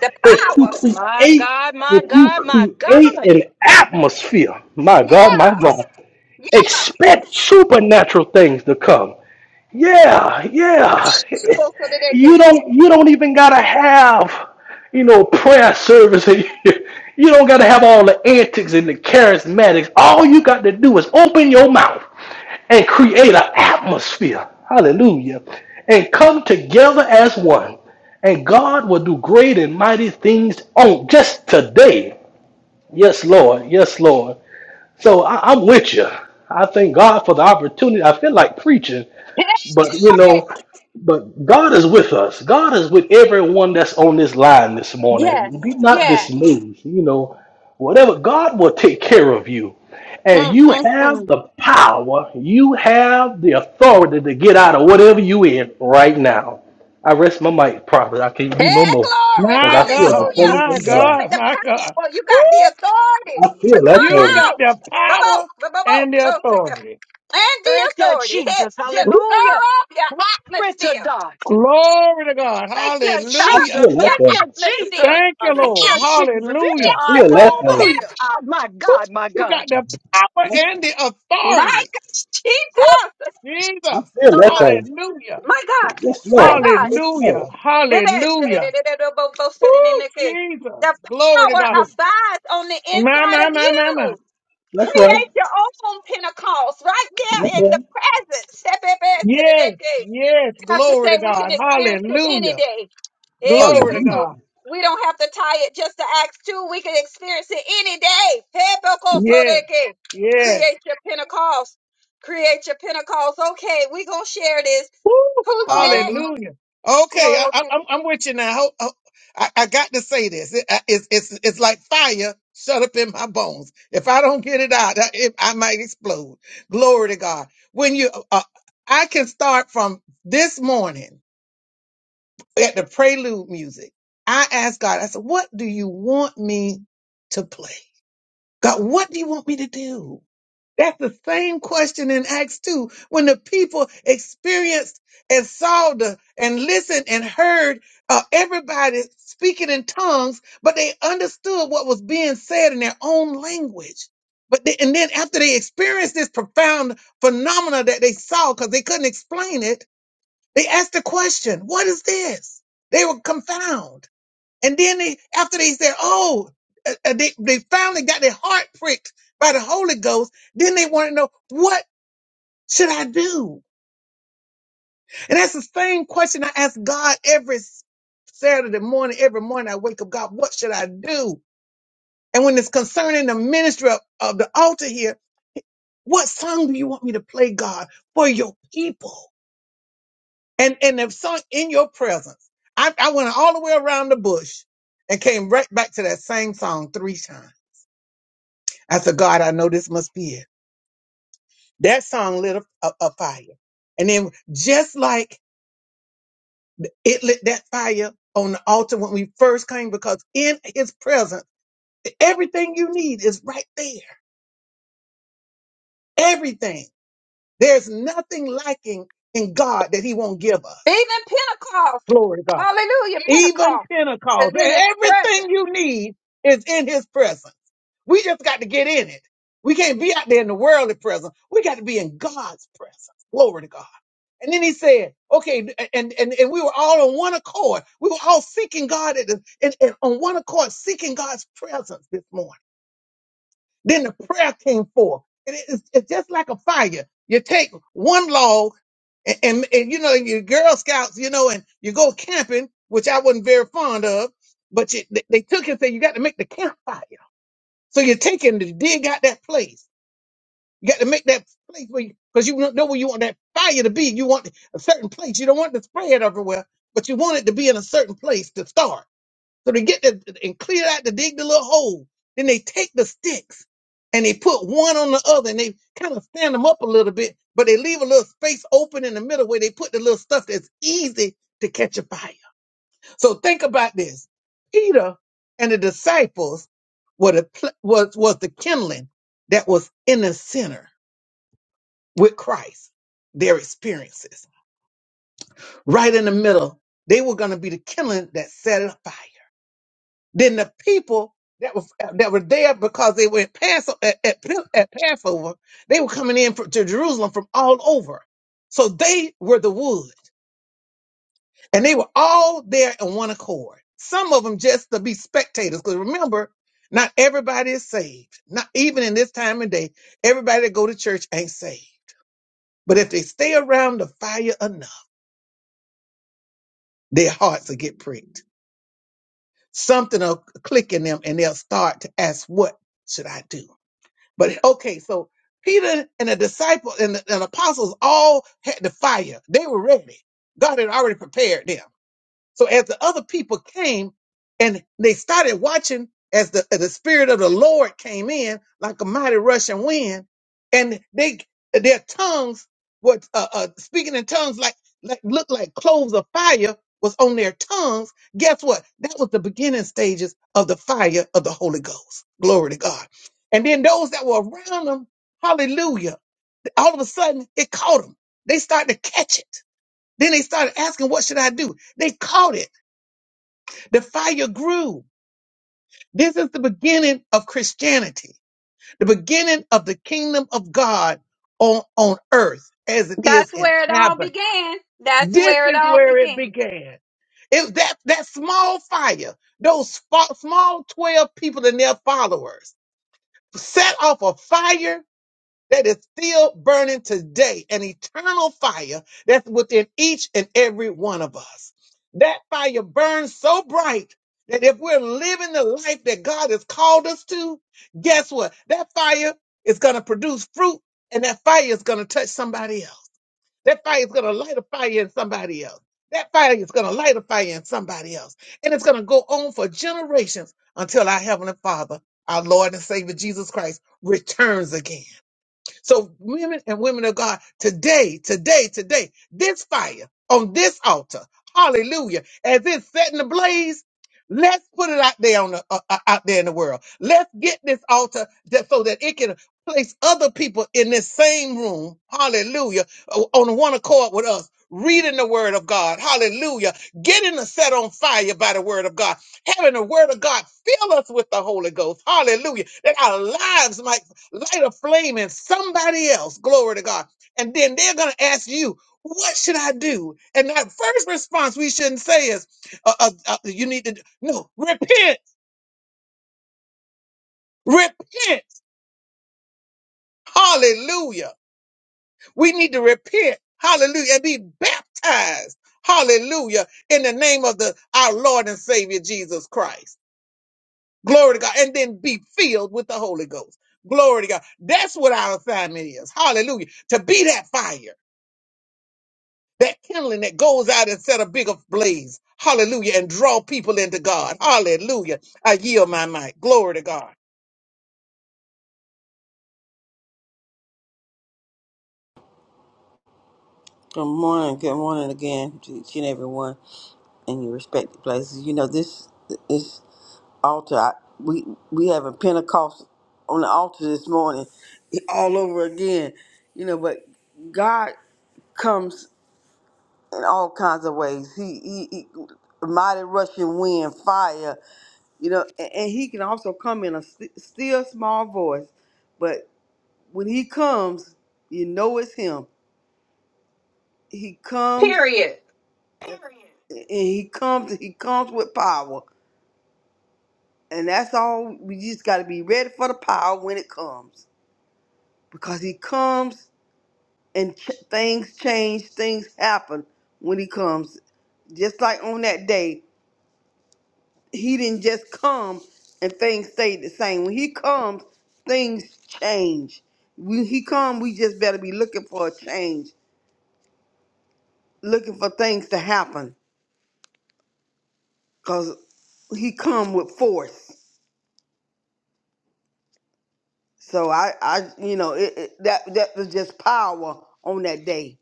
Speaker 6: the
Speaker 7: if you
Speaker 6: power.
Speaker 4: My
Speaker 7: create
Speaker 4: God, my
Speaker 7: if you
Speaker 4: God, my
Speaker 7: create
Speaker 4: God.
Speaker 7: an atmosphere my god my
Speaker 6: Yeah,
Speaker 7: god
Speaker 6: yeah.
Speaker 7: expect supernatural things to come yeah, yeah.
Speaker 6: So, so that they
Speaker 7: You
Speaker 6: can.
Speaker 7: don't you don't even gotta have, you know, prayer service. You don't gotta have all the antics and the charismatics. All you got to do is open your mouth and create an atmosphere. Hallelujah. And come together as one. And God will do great and mighty things on just today. Yes, Lord. Yes, Lord. So I, I'm with you. I thank God for the opportunity. I feel like preaching
Speaker 6: Yeah,
Speaker 7: but you know, but God is with us. God is with everyone that's on this line this
Speaker 6: yes,
Speaker 7: morning. Be not
Speaker 6: yes.
Speaker 7: dismayed. You know, whatever God will take care of you. And
Speaker 6: Mm,
Speaker 7: you
Speaker 6: mm,
Speaker 7: have
Speaker 6: mm.
Speaker 7: the power, you have the authority to get out of whatever you in right now. I rest my mic properly. I can't do no
Speaker 6: Hey,
Speaker 7: more.
Speaker 6: glory.
Speaker 7: Because
Speaker 1: My
Speaker 7: I feel the
Speaker 1: God.
Speaker 6: Hallelujah.
Speaker 1: My
Speaker 7: presence of
Speaker 6: You
Speaker 7: God.
Speaker 6: got
Speaker 1: God.
Speaker 6: the
Speaker 1: My God.
Speaker 6: power. You
Speaker 1: Woo!
Speaker 6: got the authority
Speaker 7: I
Speaker 6: to
Speaker 7: feel that
Speaker 6: come
Speaker 1: You
Speaker 7: thing.
Speaker 1: got
Speaker 6: out.
Speaker 1: the
Speaker 6: Bo-bo,
Speaker 1: power
Speaker 6: bo-bo-bo,
Speaker 1: and the
Speaker 6: bo-bo,
Speaker 1: authority.
Speaker 6: and the
Speaker 4: Thank you,
Speaker 6: authority. Hey,
Speaker 4: Jesus.
Speaker 6: just
Speaker 1: Woo!
Speaker 6: stir
Speaker 4: Hallelujah.
Speaker 6: up your
Speaker 4: Glory to
Speaker 6: atmosphere.
Speaker 4: God.
Speaker 1: Glory to God.
Speaker 4: Thank you,
Speaker 6: Stir
Speaker 7: I
Speaker 1: Hallelujah.
Speaker 4: Jesus.
Speaker 7: feel
Speaker 6: up
Speaker 7: that
Speaker 6: your
Speaker 4: Thank you,
Speaker 7: thing.
Speaker 4: Jesus.
Speaker 6: atmosphere.
Speaker 1: Thank you,
Speaker 4: Thank
Speaker 1: Lord.
Speaker 4: you, Jesus.
Speaker 1: Hallelujah.
Speaker 7: I
Speaker 6: Shift
Speaker 7: feel
Speaker 6: your
Speaker 7: that
Speaker 4: Yeah,
Speaker 6: own
Speaker 4: My
Speaker 7: thing.
Speaker 2: Hallelujah.
Speaker 6: pinnacle.
Speaker 4: God, my
Speaker 1: Woo!
Speaker 4: God, my
Speaker 1: You
Speaker 4: God.
Speaker 1: got the power
Speaker 7: I
Speaker 1: and the
Speaker 6: My
Speaker 1: authority.
Speaker 6: God,
Speaker 1: Woo!
Speaker 6: Jesus.
Speaker 7: I
Speaker 1: Jesus.
Speaker 7: feel that thing.
Speaker 1: Hallelujah.
Speaker 6: My God,
Speaker 7: Yes,
Speaker 6: my
Speaker 7: Lord.
Speaker 6: God.
Speaker 7: Yes,
Speaker 1: Hallelujah.
Speaker 7: Lord.
Speaker 6: Maybe I should
Speaker 1: Hallelujah. Oh,
Speaker 6: the
Speaker 1: Jesus. Glory to
Speaker 6: power
Speaker 1: God.
Speaker 6: abides on the
Speaker 1: My,
Speaker 6: inside
Speaker 1: my,
Speaker 6: of
Speaker 1: my, my, my.
Speaker 6: you.
Speaker 7: That's right.
Speaker 6: Create your own Pentecost right
Speaker 7: That's
Speaker 6: there in the
Speaker 7: right.
Speaker 6: present. Step it back
Speaker 1: Yes. Yes.
Speaker 6: Have to
Speaker 1: Glory
Speaker 6: say
Speaker 1: to
Speaker 6: we can
Speaker 1: God.
Speaker 6: experience it any
Speaker 1: Hallelujah.
Speaker 6: day. Eh,
Speaker 1: Glory to
Speaker 7: Hallelujah.
Speaker 6: so
Speaker 1: God.
Speaker 6: We don't have to tie it just to Acts 2. We can experience it any day. Eh, because so
Speaker 1: Yes.
Speaker 6: Create
Speaker 1: Yes.
Speaker 6: your Pentecost. Create your Pentecost. Okay, we're going to share this.
Speaker 1: Woo.
Speaker 6: Who's next?
Speaker 5: Hallelujah.
Speaker 1: Hallelujah. Okay. I,
Speaker 6: Glory.
Speaker 1: I, I'm, I'm with you now. Ho- ho- I, I got to say this. It- I- it's, it's, it's like fire shut up in my bones. If I don't get it out, I, it, I might explode. God. When you, uh, uh, I can start from this at the prelude music. I asked God, I said, what do you want me to play? God, what do you want me to do? That's the same question in Acts 2 when the people expressed as the, and listened and heard uh, everybody speaking in tongues, but they understood what was being said in their own language. But they, and then after they experienced this profound phenomena that they saw, because they couldn't explain it, They asked the question, what is this? They were confounded. And then they, after they said, oh, uh, uh, they, they finally got their heart pricked by the Holy Ghost. Then they want to know, what should I do? And that's the same question I ask God every Saturday morning. Every morning I wake up, God, what should I do? And when it's concerning the ministry of, of the altar here, what song do you want me to play, God, for your people? and and if some in your presence, I, I went all the way around the bush and came right back to that same song three times. I said, God, I know this must be it. That song lit a, a, a fire, and then just like it lit that fire on the altar when we first came, because in His presence, everything you need is right there. Everything. There's nothing lacking in God that He won't give us.
Speaker 6: Even Pentecost,
Speaker 1: Glory to God.
Speaker 6: hallelujah,
Speaker 1: Even
Speaker 6: Pentecost is
Speaker 1: Pentecost,
Speaker 6: in his
Speaker 1: everything
Speaker 6: presence.
Speaker 1: you need is in His presence. We just got to get in it. We can't be out there in the worldly presence. We got to be in God's presence. Glory to God. And then he said, okay, and, and, and we were all on one accord. We were all seeking God at the, and, and on one accord, seeking God's presence this morning. Then the prayer came forth. And it- it's, it's just like a fire. You take one log and, and, and, you know, your Girl Scouts, you know, and you go camping, which I wasn't very fond of, but you, they they took it and said, you got to make the campfire. So you're taking to dig out that place You got to make that place where you, because you don't know where you want that fire to be. You want a certain place. You don't want it to spread everywhere, but you want it to be in a certain place to start. So they get that and clear out to dig the little hole. Then they take the sticks and they put one on the other and they kind of stand them up a little bit, but they leave a little space open in the middle where they put the little stuff that's easy to catch a fire. So think about this. Peter and the disciples were the, pl- was, was the kindling that was in the center with Christ, their experiences. Right in the middle, they were going to be the killing that set it fire. Then the people that was that were there because they were at, Pass, at, at, at Passover, they were coming in from, to Jerusalem from all over. So they were the wood, and they were all there in one accord. Some of them just to be spectators, because remember, not everybody is saved. Not even in this time of day, everybody that go to church ain't saved. But if they stay around the fire enough their hearts will get pricked. Something will click in them and they'll start to ask, What should I do? But okay, so Peter and the disciple and the, and apostle had the fire. They were ready. God had already prepared them. So other came and they started watching as the Lord came in like a mighty rushing wind, and they their tongues were uh, uh, speaking in tongues like like looked like cloves of fire was on their tongues. Guess what? That was the beginnings of the Holy Ghost. And then those that were around them, hallelujah, all of a sudden it caught them. They started to catch it. Then they started asking, what should I do? They caught it. The fear grew. This is the beginning of Christianity, the beginning of the kingdom of God on, on earth as it's
Speaker 6: That's
Speaker 1: in
Speaker 6: where it all
Speaker 1: heaven.
Speaker 6: began. That's
Speaker 1: This
Speaker 6: where it
Speaker 1: is
Speaker 6: all
Speaker 1: where it
Speaker 6: began.
Speaker 1: began. It, that, that small fire, those fa- small 12 followers set off a fire that is still burning today, an eternal fire that's within each and every one of us. That fire burns so bright that if we're living the life that God has called us to, guess what? That fire is going to produce fruit and that fire is going to touch somebody else. That fire is going to light a fire in somebody else. That fire is going to light a fire in somebody else. And it's going to go on for generations until our Heavenly Father, our Lord and Savior Jesus Christ, returns again. So women and women of God, today, today, today, this fire on this altar, hallelujah, as it's setting ablaze, let's put it out there on the, uh, uh, out there in the world. Let's get this altar that, so that it can place other people in this same room, hallelujah, o- on one accord with us. Reading the word of God, hallelujah, getting us set on fire by the word of God, having the word of God fill us with the Holy Ghost, hallelujah, that our lives might light a flame in somebody else. Glory to God. And then they're going to ask you, what should I do? And that first response we shouldn't say is, uh, uh, uh, you need to, no, repent, repent. Hallelujah. We need to repent. Hallelujah. And be baptized. Hallelujah. In the name of the, our Lord and Savior, Jesus Christ. Glory to God. And then be filled with the Holy Ghost. Glory to God. That's what our assignment is. Hallelujah. To be that fire that kindling that goes out and set a bigger blaze. Hallelujah. And draw people into God. Hallelujah. I yield my mic. Glory to God.
Speaker 5: Good morning. Good morning again to each and everyone in your respective places. You know, this this altar, I, we we having Pentecost on the altar this morning all over again. You know, but God comes in all kinds of ways. He, he, he mighty rushing wind, fire. you know, and, and he can also come in a st- still small voice, but when he comes, you know it's him. He comes
Speaker 6: Period.
Speaker 5: and he comes he comes with power, and that's all. We just got to be ready for the power when it comes, because he comes and ch- things change, things happen when he comes. Just like on that day. he didn't just come and things stayed the same. When he comes, things change. When he come, we just better be looking for a change, looking for things to happen, cause he come with force. So I, I, you know, it, it, that that was just power on that day.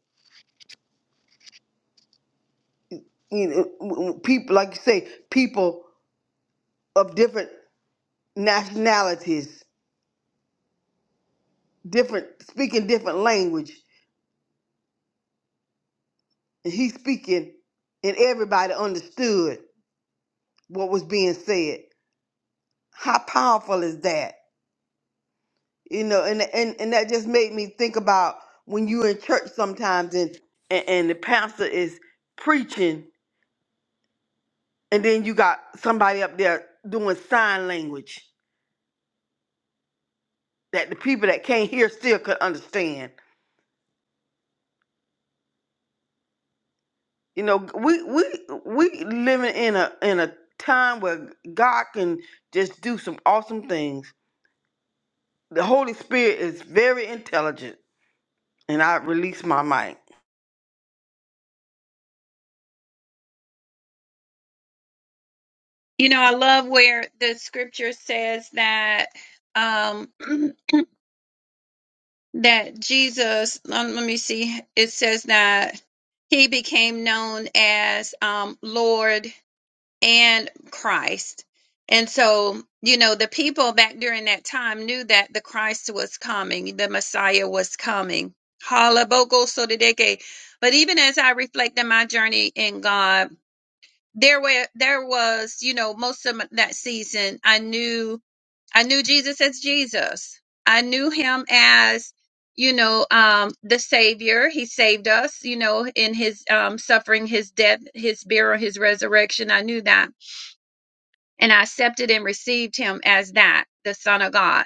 Speaker 5: You know, w- w- people like you say, people of different nationalities, different speaking different language, and he speaking, and everybody understood what was being said. How powerful is that? You know, and and, and that just made me think about when you in church sometimes and, and and the pastor is preaching and then you got somebody up there doing sign language that the people that can't hear still could understand. You know, we we we living in a in a time where God can just do some awesome things. The Holy Spirit is very intelligent and I release my mic.
Speaker 6: You know, I love where the scripture says that um that Jesus, um, let me see, it says that he became known as um Lord and Christ. And so, you know, the people back during that time knew that the Christ was coming, the Messiah was coming. Halabokosodideke. But even as I reflect on my journey in God, there were there was, you know, most of that season I knew I knew Jesus as Jesus. I knew him as you know um the savior he saved us you know in his um suffering his death his burial his resurrection i knew that and I accepted and received him as that, the Son of God.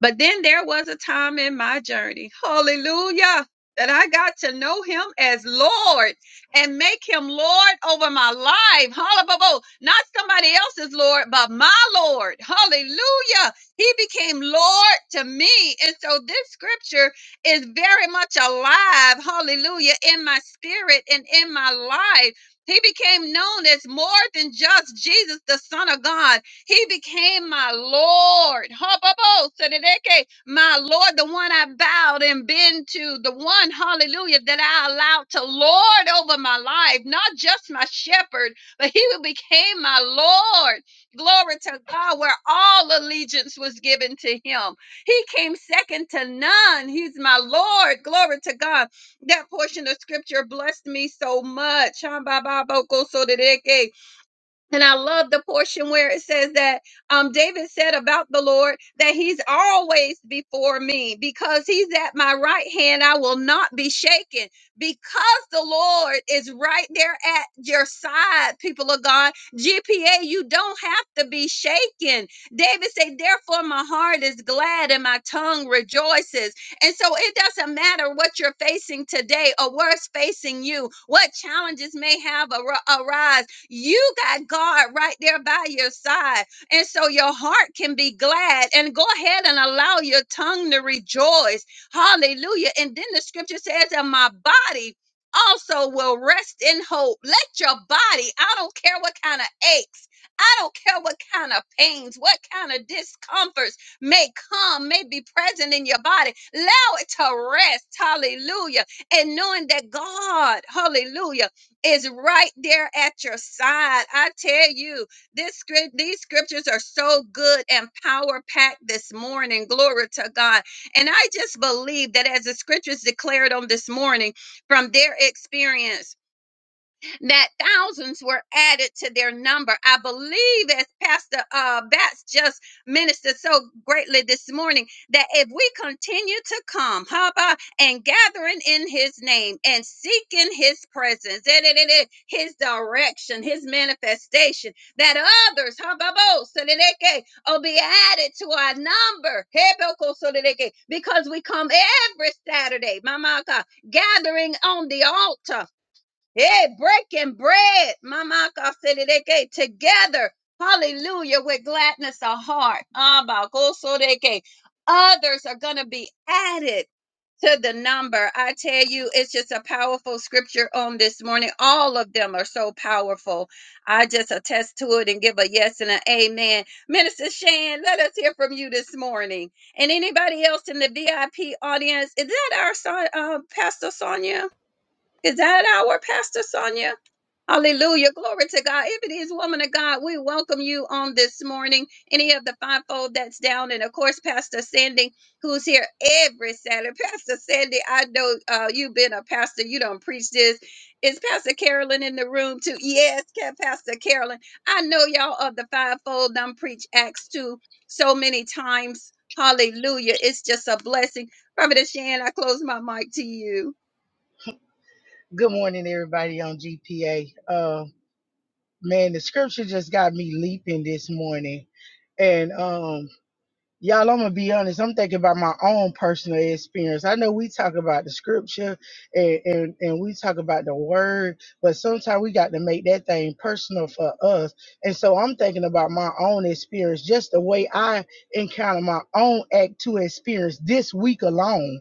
Speaker 6: But then there was a time in my journey, hallelujah, that I got to know him as Lord and make him Lord over my life. Hallelujah. Not somebody else's Lord, but my Lord. Hallelujah. He became Lord to me. And so this scripture is very much alive, hallelujah, in my spirit and in my life. He became known as more than just Jesus, the Son of God. He became my Lord. Habobo, Sedeke, My Lord, the one I bowed and been to, the one, hallelujah, that I allowed to Lord over my life, not just my shepherd, but he became my Lord. Glory to God, where all allegiance was given to him. He came second to none. He's my Lord. Glory to God. That portion of scripture blessed me so much. Hambababo, Kosodereke. And I love the portion where it says that um, David said about the Lord that he's always before me because he's at my right hand. I will not be shaken because the Lord is right there at your side, people of God. GPA, you don't have to be shaken. David said, Therefore, my heart is glad and my tongue rejoices. And so it doesn't matter what you're facing today or what's facing you, what challenges may have ar- arise you got God right there by your side. And so your heart can be glad and go ahead and allow your tongue to rejoice. Hallelujah. And then the scripture says, and my body also will rest in hope. Let your body, I don't care what kind of aches, I don't care what kind of pains, what kind of discomforts may come, may be present in your body. Allow it to rest. Hallelujah. And knowing that God, hallelujah is right there at your side. I tell you, this script, these scriptures are so good and power packed this morning. Glory to God. And I just believe that as the scriptures declared on this morning from their experience, that thousands were added to their number. I believe, as Pastor uh, Bats just ministered so greatly this morning, that if we continue to come, Haba, and gathering in His name and seeking His presence, eh, eh, eh, eh, His direction, His manifestation, that others, Hababo, so will be added to our number. Heboko Solideke, Because we come every Saturday, Mamaka, gathering on the altar. Hey, breaking bread, Mama Kasedeke, together. Hallelujah, with gladness of heart. Abba, Kosodeke. Others are going to be added to the number. I tell you, it's just a powerful scripture on this morning. All of them are so powerful. I just attest to it and give a yes and an amen. Minister Shan, let us hear from you this morning. And anybody else in the VIP audience, is that our son, uh, Pastor Sonia? Is that our Pastor Sonia? Hallelujah. Glory to God. If it is woman of God, we welcome you on this morning. Any of the fivefold that's down. And of course, Pastor Sandy, who's here every Saturday. Pastor Sandy, I know uh, you've been a pastor. You don't preach this. Is Pastor Carolyn in the room too? Yes, Ca- Pastor Carolyn. I know y'all of the fivefold. Don't preach Acts 2 so many times. Hallelujah. It's just a blessing. Prophet Shan, I close my mic to you.
Speaker 8: Good morning, everybody on GPA. Uh, man, the scripture just got me leaping this morning. And um, y'all, I'm gonna be honest. I'm thinking about my own personal experience. I know we talk about the scripture and and, and we talk about the word, but sometimes we got to make that thing personal for us. And so I'm thinking about my own experience, just the way I encounter my own act to experience this week alone.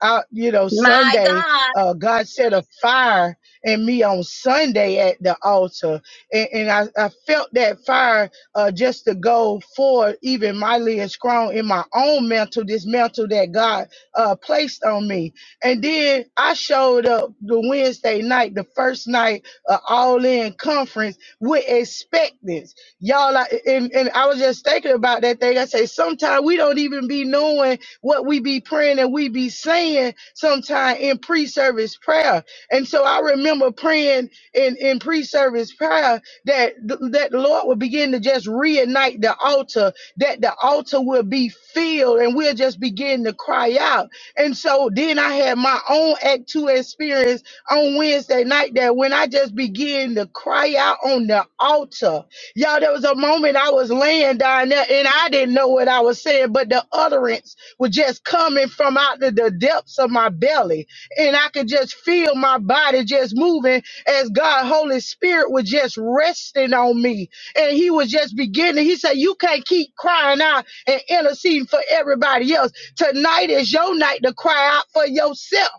Speaker 8: I, you know,
Speaker 6: My
Speaker 8: Sunday,
Speaker 6: God.
Speaker 8: uh, God set a fire in me on Sunday at the altar. And, and I, I felt that fire uh, just to go forward, even mightily and strong in my own mantle, this mantle that God uh, placed on me. And then I showed up the Wednesday night, the first night uh, all in conference with expectance. Y'all, I, and, and I was just thinking about that thing. I say, sometimes we don't even be knowing what we be praying and we be saying sometime in pre-service prayer. And so I remember praying in, in pre-service prayer that that the Lord would begin to just reignite the altar, that the altar will be filled and we'll just begin to cry out. And so then I had my own act two experience on Wednesday night that when I just began to cry out on the altar, y'all, there was a moment I was laying down there and I didn't know what I was saying, but the utterance was just coming from out the, the depths of my belly. And I could just feel my body just moving as God, Holy Spirit was just resting on me. And he was just beginning. He said, You can't keep crying out and interceding for everybody else. Tonight is your night to cry out for yourself.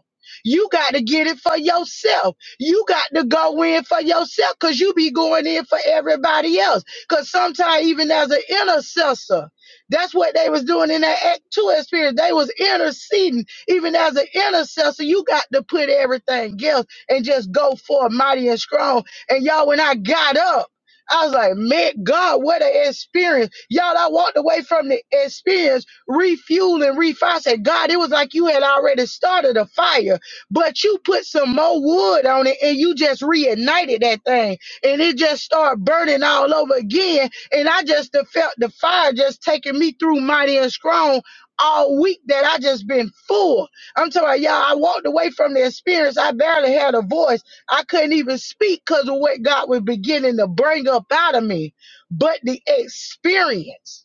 Speaker 8: You got to get it for yourself. You got to go in for yourself because you be going in for everybody else. Because sometimes, even as an intercessor, that's what they was doing in that Act Two experience. They was interceding. Even as an intercessor, you got to put everything else and just go for mighty and strong. And y'all, when I got up, I was like, man, God, what an experience. Y'all, I walked away from the experience, refueled and refire. I said, God, it was like you had already started a fire, but you put some more wood on it and you just reignited that thing. And it just started burning all over again and I just done felt the fire just taking me through mighty and strong all week that I just been full. I'm talking about, y'all, I walked away from the experience. I barely had a voice. I couldn't even speak because of what God was beginning to bring up out of me. But the experience,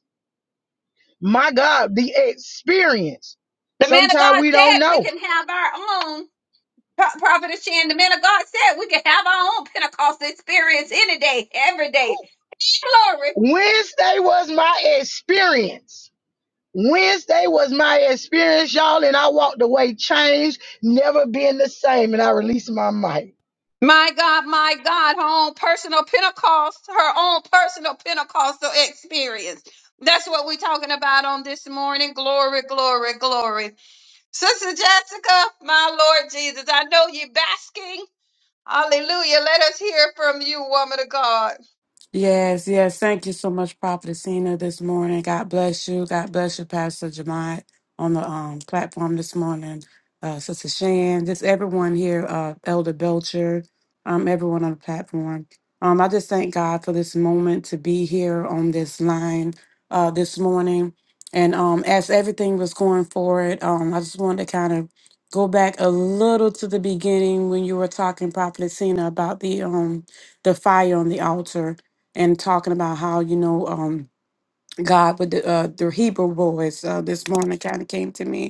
Speaker 8: my God, the experience.
Speaker 6: The man of
Speaker 8: Sometimes
Speaker 6: God
Speaker 8: we don't
Speaker 6: said we
Speaker 8: know.
Speaker 6: can have our own Pro- prophet of Shan. The man of God said we can have our own Pentecost experience any day, every day. Glory.
Speaker 8: Wednesday was my experience. Wednesday was my experience, y'all, and I walked away changed, never being the same. And I released my mic.
Speaker 6: My God, my God, her own personal Pentecost, her own personal Pentecostal experience. That's what we're talking about on this morning. Glory, glory, glory. Sister Jessica, my Lord Jesus, I know you're basking. Hallelujah. Let us hear from you, woman of God.
Speaker 3: Yes, yes. Thank you so much, Prophet Cena, this morning. God bless you. God bless you, Pastor Jamai, on the um, platform this morning. Uh, Sister Shan, just everyone here, uh, Elder Belcher, um, everyone on the platform. Um, I just thank God for this moment to be here on this line uh, this morning. And um, as everything was going forward, um, I just wanted to kind of go back a little to the beginning when you were talking, Prophet Cena, about the um, the fire on the altar and talking about how you know um God with the uh, the Hebrew boys uh, this morning kind of came to me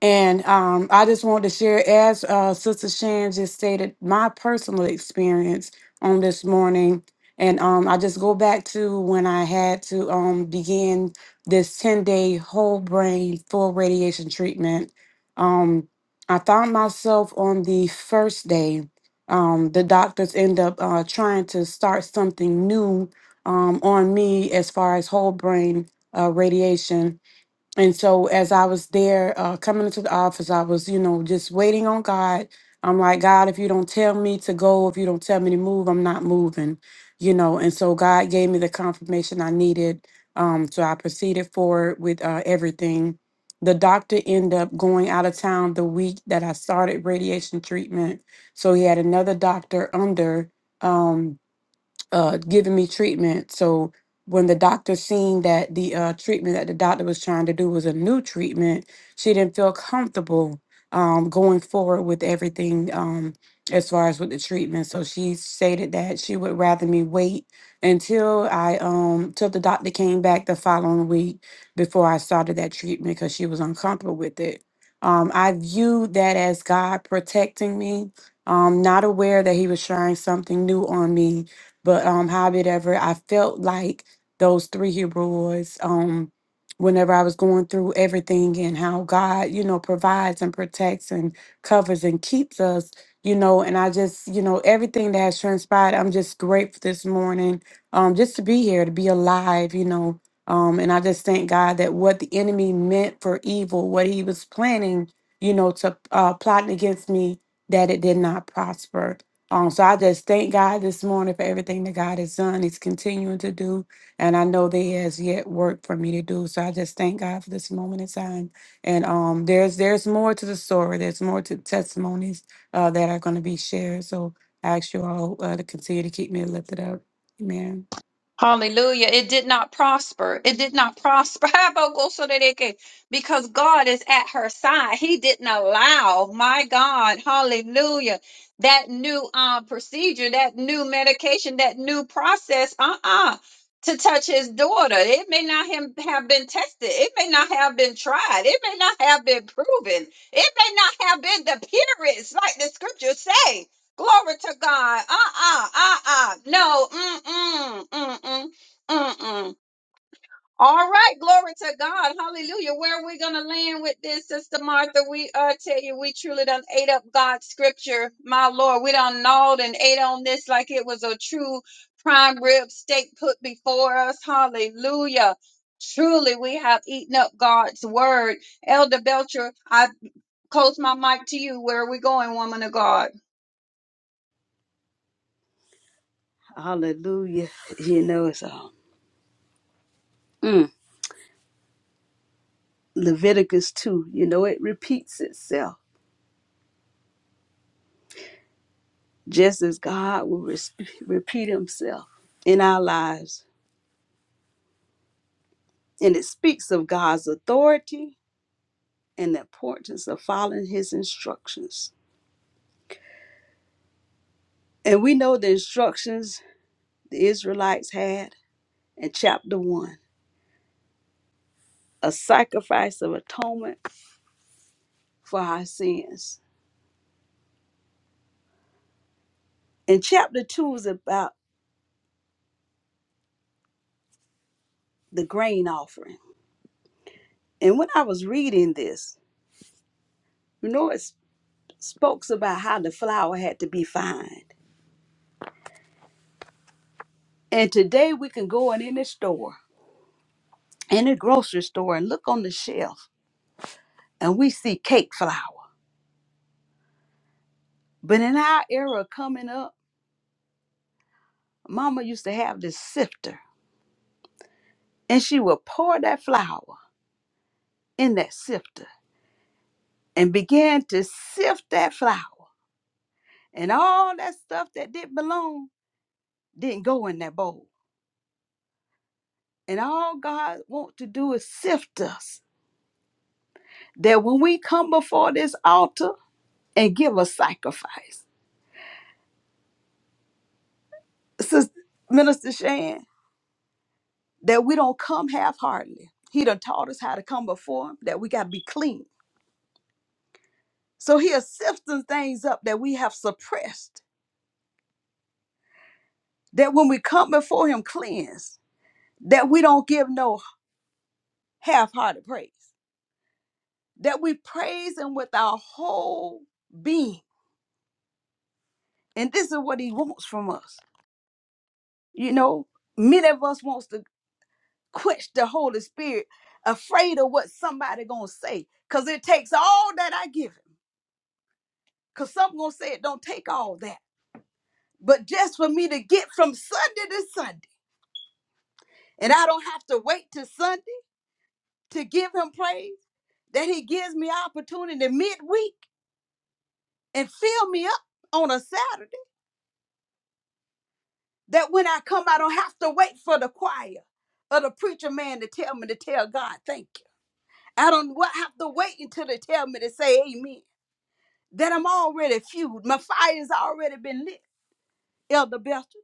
Speaker 3: and um, I just wanted to share, as uh, Sister Shan just stated, my personal experience on this morning. And um, I just go back to when I had to um, begin this 10 day whole brain full radiation treatment. Um, I found myself on the first day. Um, the doctors end up uh, trying to start something new um, on me as far as whole brain uh, radiation and so as I was there uh, coming into the office, I was, you know, just waiting on God. I'm like, God, if you don't tell me to go, if you don't tell me to move, I'm not moving, you know. And so God gave me the confirmation I needed. Um, so I proceeded forward with uh, everything. The doctor ended up going out of town the week that I started radiation treatment. So he had another doctor under. Um, uh, giving me treatment. So when the doctor seen that the uh, treatment that the doctor was trying to do was a new treatment, she didn't feel comfortable um, going forward with everything um, as far as with the treatment. So she stated that she would rather me wait until I um till the doctor came back the following week before I started that treatment because she was uncomfortable with it. Um, I viewed that as God protecting me. Um, not aware that He was trying something new on me but um, how ever, I felt like those three Hebrew boys. Um, whenever I was going through everything and how God, you know, provides and protects and covers and keeps us, you know, and I just, you know, everything that has transpired, I'm just grateful this morning, um, just to be here, to be alive, you know. Um, and I just thank God that what the enemy meant for evil, what he was planning, you know, to uh, plotting against me, that it did not prosper um, so I just thank God this morning for everything that God has done, He's continuing to do, and I know that He has yet work for me to do. So I just thank God for this moment in time. And um, there's there's more to the story. There's more to testimonies uh, that are going to be shared. So I ask you all uh, to continue to keep me lifted up. Amen.
Speaker 6: Hallelujah. It did not prosper. It did not prosper. habakkuk Because God is at her side. He didn't allow, my God, hallelujah, that new uh, procedure, that new medication, that new process, uh-uh, to touch his daughter. It may not him- have been tested. It may not have been tried. It may not have been proven. It may not have been the purest, like the scriptures say. Glory to God. Uh-uh, uh-uh. No, mm-mm, mm-mm, mm-mm. All right, glory to God. Hallelujah. Where are we going to land with this, Sister Martha? We uh, tell you, we truly done ate up God's scripture. My Lord, we done gnawed and ate on this like it was a true prime rib steak put before us. Hallelujah. Truly, we have eaten up God's word. Elder Belcher, I close my mic to you. Where are we going, woman of God?
Speaker 2: Hallelujah. You know, it's all. Mm. Leviticus 2, you know, it repeats itself just as God will res- repeat himself in our lives. And it speaks of God's authority and the importance of following his instructions. And we know the instructions the Israelites had in chapter 1 a sacrifice of atonement for our sins. And chapter 2 is about the grain offering And when I was reading this, you know, it s- spokes about how the flour had to be fine. And today we can go in any store, any grocery store, and look on the shelf and we see cake flour. But in our era coming up, Mama used to have this sifter and she would pour that flour in that sifter and began to sift that flour. And all that stuff that didn't belong didn't go in that bowl. And all God wants to do is sift us that when we come before this altar and give a sacrifice, Sister Minister Shan, that we don't come half-heartedly. He done taught us how to come before him, that we got to be clean. So he is sifting things up that we have suppressed, that when we come before him cleansed, that we don't give no half-hearted praise, that we praise him with our whole being. And this is what he wants from us. You know, many of us wants to quench the Holy Spirit, afraid of what somebody gonna say. Cause it takes all that I give him. Cause some gonna say it don't take all that. But just for me to get from Sunday to Sunday, and I don't have to wait till Sunday to give him praise, that he gives me opportunity midweek and fill me up on a Saturday. That when I come, I don't have to wait for the choir or the preacher man to tell me to tell God thank you. I don't wa- have to wait until they tell me to say amen. that I'm already fueled. My fire's already been lit, Elder Belcher.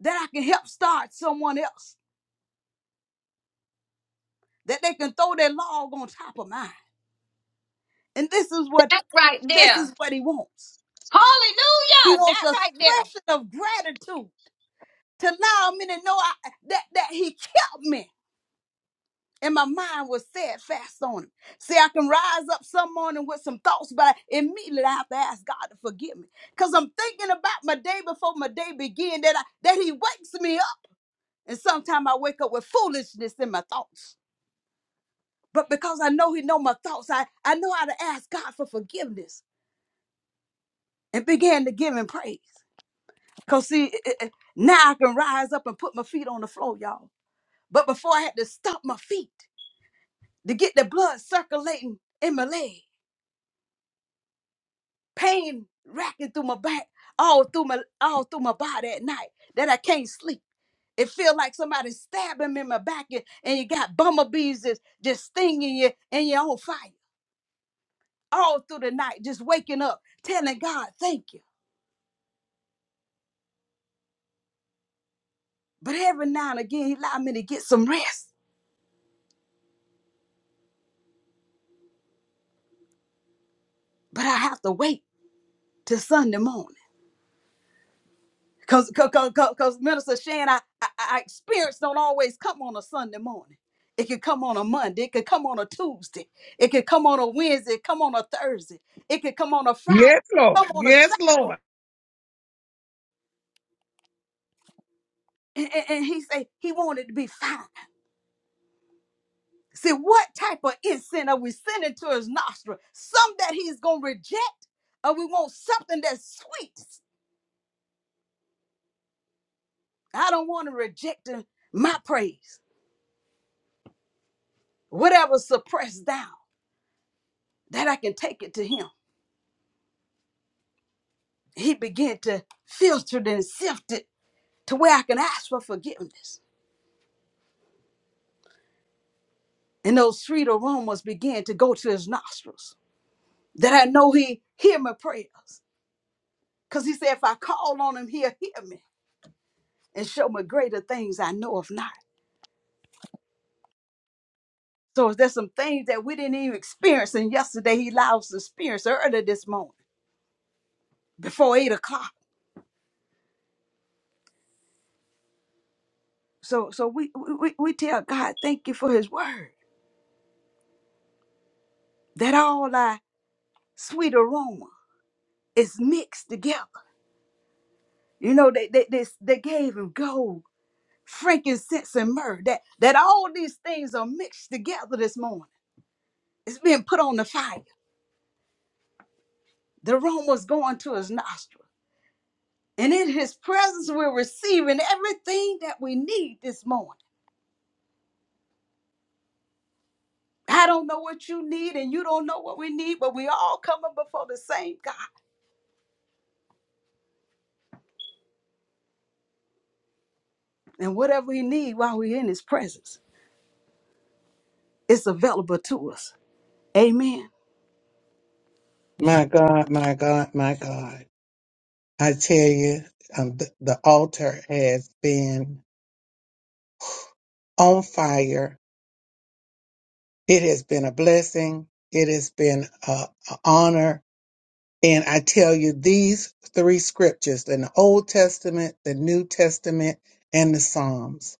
Speaker 2: That I can help start someone else. That they can throw their log on top of mine. And this is what
Speaker 6: That right
Speaker 2: this
Speaker 6: there.
Speaker 2: is what he wants. He
Speaker 6: Hallelujah!
Speaker 2: wants
Speaker 6: That
Speaker 2: a
Speaker 6: right there.
Speaker 2: expression of gratitude to allow me to know I, that that he kept me. And my mind was set fast on him. See, I can rise up some morning with some thoughts, but I, immediately I have to ask God to forgive me. Because I'm thinking about my day before my day began, that I, that he wakes me up. And sometimes I wake up with foolishness in my thoughts. But because I know he know my thoughts, I, I know how to ask God for forgiveness and began to give him praise. Because see, it- it- it- now I can rise up and put my feet on the floor, y'all. But before I had to stop my feet to get the blood circulating in my leg, pain racking through my back, all through my all through my body at night that I can't sleep. It feel like somebody stabbing me in my back and, and you got bumblebees just, just stinging you and you're on fire. all through the night, just waking up, telling God, thank you. But every now and again, he allowed me to get some rest. But I have to wait till Sunday morning. Cause, cause, cause, cause 'cause Minister Shan, I, I, I experience don't always come on a Sunday morning. It could come on a Monday. It could come on a Tuesday. It could come on a Wednesday. It Come on a Thursday. It could come on a Friday.
Speaker 1: Yes, Lord.
Speaker 2: Come on a
Speaker 1: Yes,
Speaker 2: Saturday.
Speaker 1: Lord.
Speaker 2: And, and, and he say he wanted to be fine. See, what type of incense are we sending to his nostril? Some that he's going to reject, or we want something that's sweet. I don't want to reject him- my praise. Whatever suppressed down, that I can take it to him. He began to filter it and sift it to where I can ask for forgiveness. And those sweet aromas began to go to his nostrils. That I know he hear my prayers. Because he said, if I call on him, he'll hear me and show me greater things I know of not. So there's some things that we didn't even experience, and yesterday he allowed us to experience early this morning before eight o'clock. So so we we, we tell God, thank you for his word. That all our sweet aroma is mixed together. You know, they they they, they gave him gold, frankincense, and myrrh. That that all these things are mixed together this morning. It's being put on the fire. The aroma's going to his nostril. And in his presence, we're receiving everything that we need this morning. I don't know what you need, and you don't know what we need, but we all coming before the same God. And whatever we need while we're in His presence, it's available to us. Amen.
Speaker 1: My God, my God, my God. I tell you, um, the, the altar has been on fire. It has been a blessing. It has been an honor. And I tell you, these three scriptures in the Old Testament, the New Testament, and the Psalms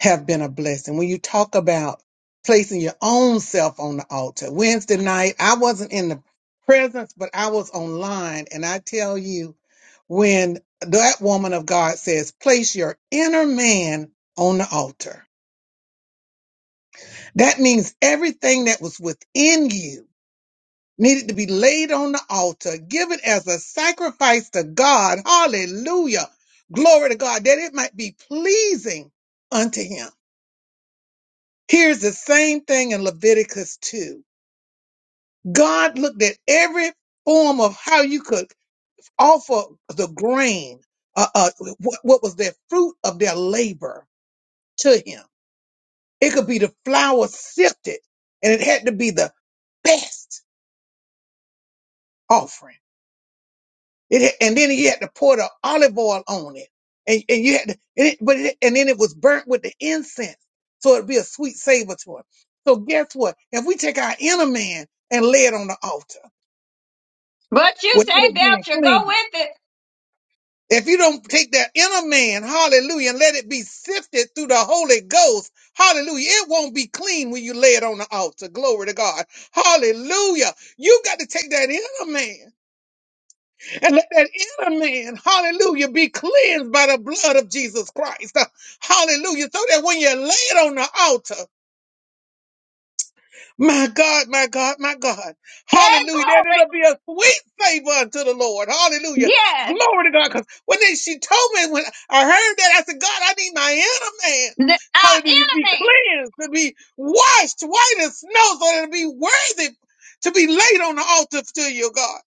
Speaker 1: have been a blessing. When you talk about placing your own self on the altar, Wednesday night, I wasn't in the presence, but I was online. And I tell you, when that woman of God says, place your inner man on the altar, that means everything that was within you needed to be laid on the altar, give it as a sacrifice to God. Hallelujah. Glory to God, that it might be pleasing unto him. Here's the same thing in Leviticus 2. God looked at every form of how you could offer the grain, uh, uh, what, what was their fruit of their labor to him. It could be the flour sifted, and it had to be the best offering. It, had- and then he had to pour the olive oil on it. And, and you had to, and it, but it, and then it was burnt with the incense. So it'd be a sweet savor to him. So guess what? If we take our inner man and lay it on the altar,
Speaker 6: But you
Speaker 1: without
Speaker 6: say,
Speaker 1: it being
Speaker 6: Belcher, go
Speaker 1: clean.
Speaker 6: with it.
Speaker 1: If you don't take that inner man, hallelujah, and let it be sifted through the Holy Ghost, hallelujah, it won't be clean when you lay it on the altar. Glory to God. Hallelujah. You got to take that and let that inner hallelujah be clean, the blood of Jesus Christ. Uh, Hallelujah. So that when you lay it on the altar, my God, my God,
Speaker 6: Hey,
Speaker 1: hallelujah, that
Speaker 6: glory.
Speaker 1: it'll be a sweet savor. Hallelujah.
Speaker 6: Yes,
Speaker 1: Glory to God. Because when they, she told me, when I heard that, I said, God, I need my inner man.
Speaker 6: the, our enemy.
Speaker 1: to be washed white as snow so that it'll be worthy to be laid on the altar, God.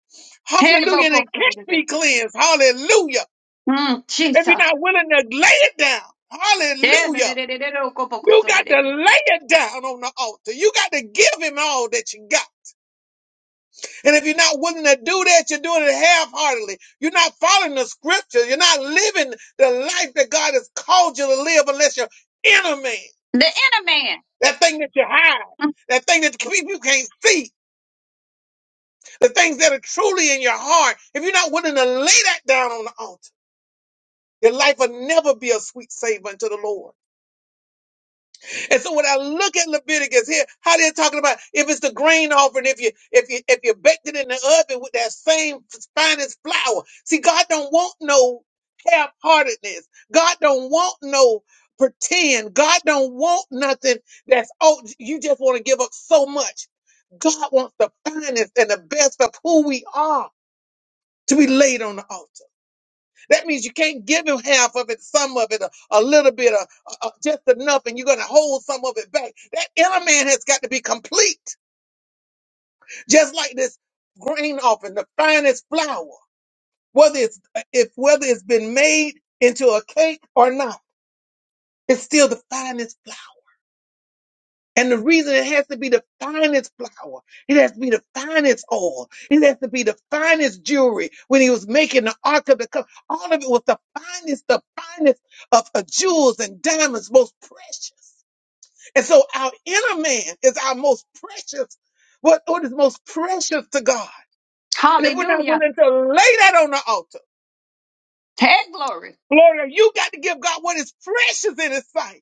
Speaker 1: Hallelujah. And it can't
Speaker 6: Tebokosodideke.
Speaker 1: be cleansed. Hallelujah.
Speaker 6: Mm,
Speaker 1: If you're
Speaker 6: Jesus.
Speaker 1: not willing to lay it down, hallelujah. You
Speaker 6: Tedadadadadadokobokosodideke.
Speaker 1: lay it down on the altar. You got to give him all that you got. And if you're not willing to do that, you're doing it half-heartedly. You're not following the scriptures. You're not living the life that God has called you to live unless you're inner man.
Speaker 6: The inner man.
Speaker 1: That thing that you hide.
Speaker 6: Mm,
Speaker 1: That thing that you you can't see. the things that are truly in your heart, if you're not willing to lay that down on the altar, your life will never be a sweet savor unto the Lord. And so when I look at Leviticus here, how they're talking about if it's the grain offering, if you if you if you baked it in the oven with that same finest flour. See, God don't want no half-heartedness. God don't want no pretend. God don't want nothing that's oh you just want to give up so much. God wants the finest and the best of who we are to be laid on the altar. That means you can't give him half of it, some of it, a, a little bit, a, a, a- just enough, and you're going to hold some of it back. That inner man has got to be complete, just like this grain offering, the finest flour, whether it's if whether it's been made into a cake or not, it's still the finest And the reason it has to be the finest flour, it has to be the finest oil, it has to be the finest jewelry. When he was making the Ark of the Covenant, all of it was the finest, the finest of uh, jewels and diamonds, most precious. And so our inner man is our most precious, what, what is most precious to God. And if we're not
Speaker 6: Hallelujah.
Speaker 1: willing to lay that on the altar,
Speaker 6: Hey, glory.
Speaker 1: glory, you got to give God what is precious in his sight.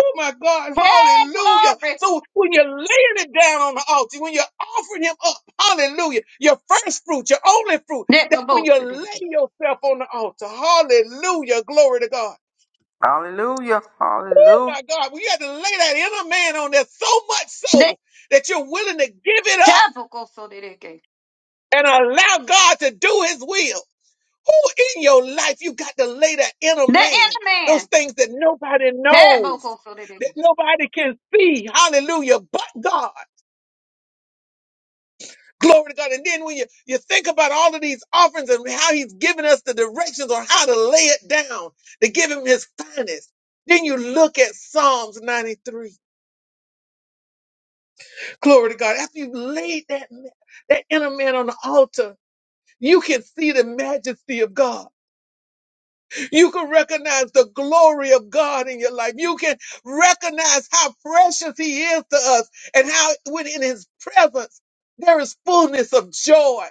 Speaker 1: Oh my God,
Speaker 6: Hey,
Speaker 1: hallelujah.
Speaker 6: glory.
Speaker 1: So when you're laying it down on the altar, when you're offering him up, hallelujah, your first fruit, your only fruit, that when you lay
Speaker 6: Nebobosodideke.
Speaker 1: yourself on the altar, hallelujah, glory to God.
Speaker 5: Hallelujah.
Speaker 1: Oh
Speaker 5: Hallelujah.
Speaker 1: my God, we had to lay that inner man on there so much
Speaker 6: The
Speaker 1: so that you're willing to give it up
Speaker 6: tabokosodideke.
Speaker 1: and allow God to do his will. Who in your life you got to lay that inner
Speaker 6: The
Speaker 1: man,
Speaker 6: inner
Speaker 1: those
Speaker 6: man.
Speaker 1: things that nobody knows, that nobody can see, hallelujah, but God. Glory to God. And then when you, you think about all of these offerings and how he's given us the directions on how to lay it down to give him his goodness, then you look at Psalms 93. Glory to God. After you've laid that, ma- that inner man on the altar, you can see the majesty of God. You can recognize the glory of God in your life. You can recognize how precious he is to us and how within his presence, there is fullness of joy.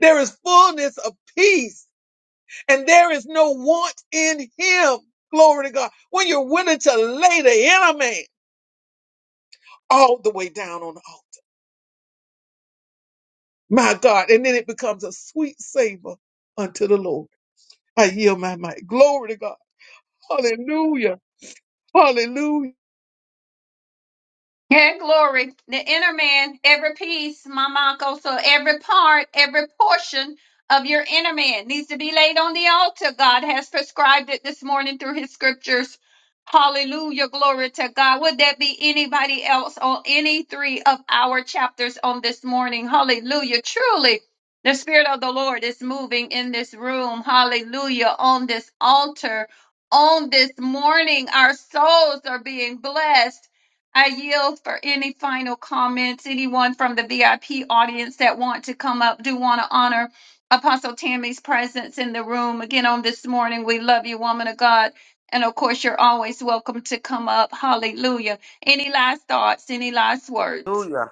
Speaker 1: There is fullness of and want glory to God.
Speaker 6: Yeah, glory. The inner man, every piece, Mama Uncle, so every part, every portion of your inner man needs to be laid on the altar. God has prescribed it this morning through his scriptures. Hallelujah. Glory to God. Would that be anybody else on any three of our chapters on this morning? Hallelujah. Truly, the Spirit of the Lord is moving in this room. Hallelujah. On this altar. On this morning, our souls are being blessed I yield for any final comments. Anyone from the VIP audience that want to come up, do want to honor Apostle Tammy's presence in the room again on this morning. We love you, woman of God. And of course, you're always welcome to come up. Hallelujah. Any last thoughts? Any last words?
Speaker 5: Hallelujah.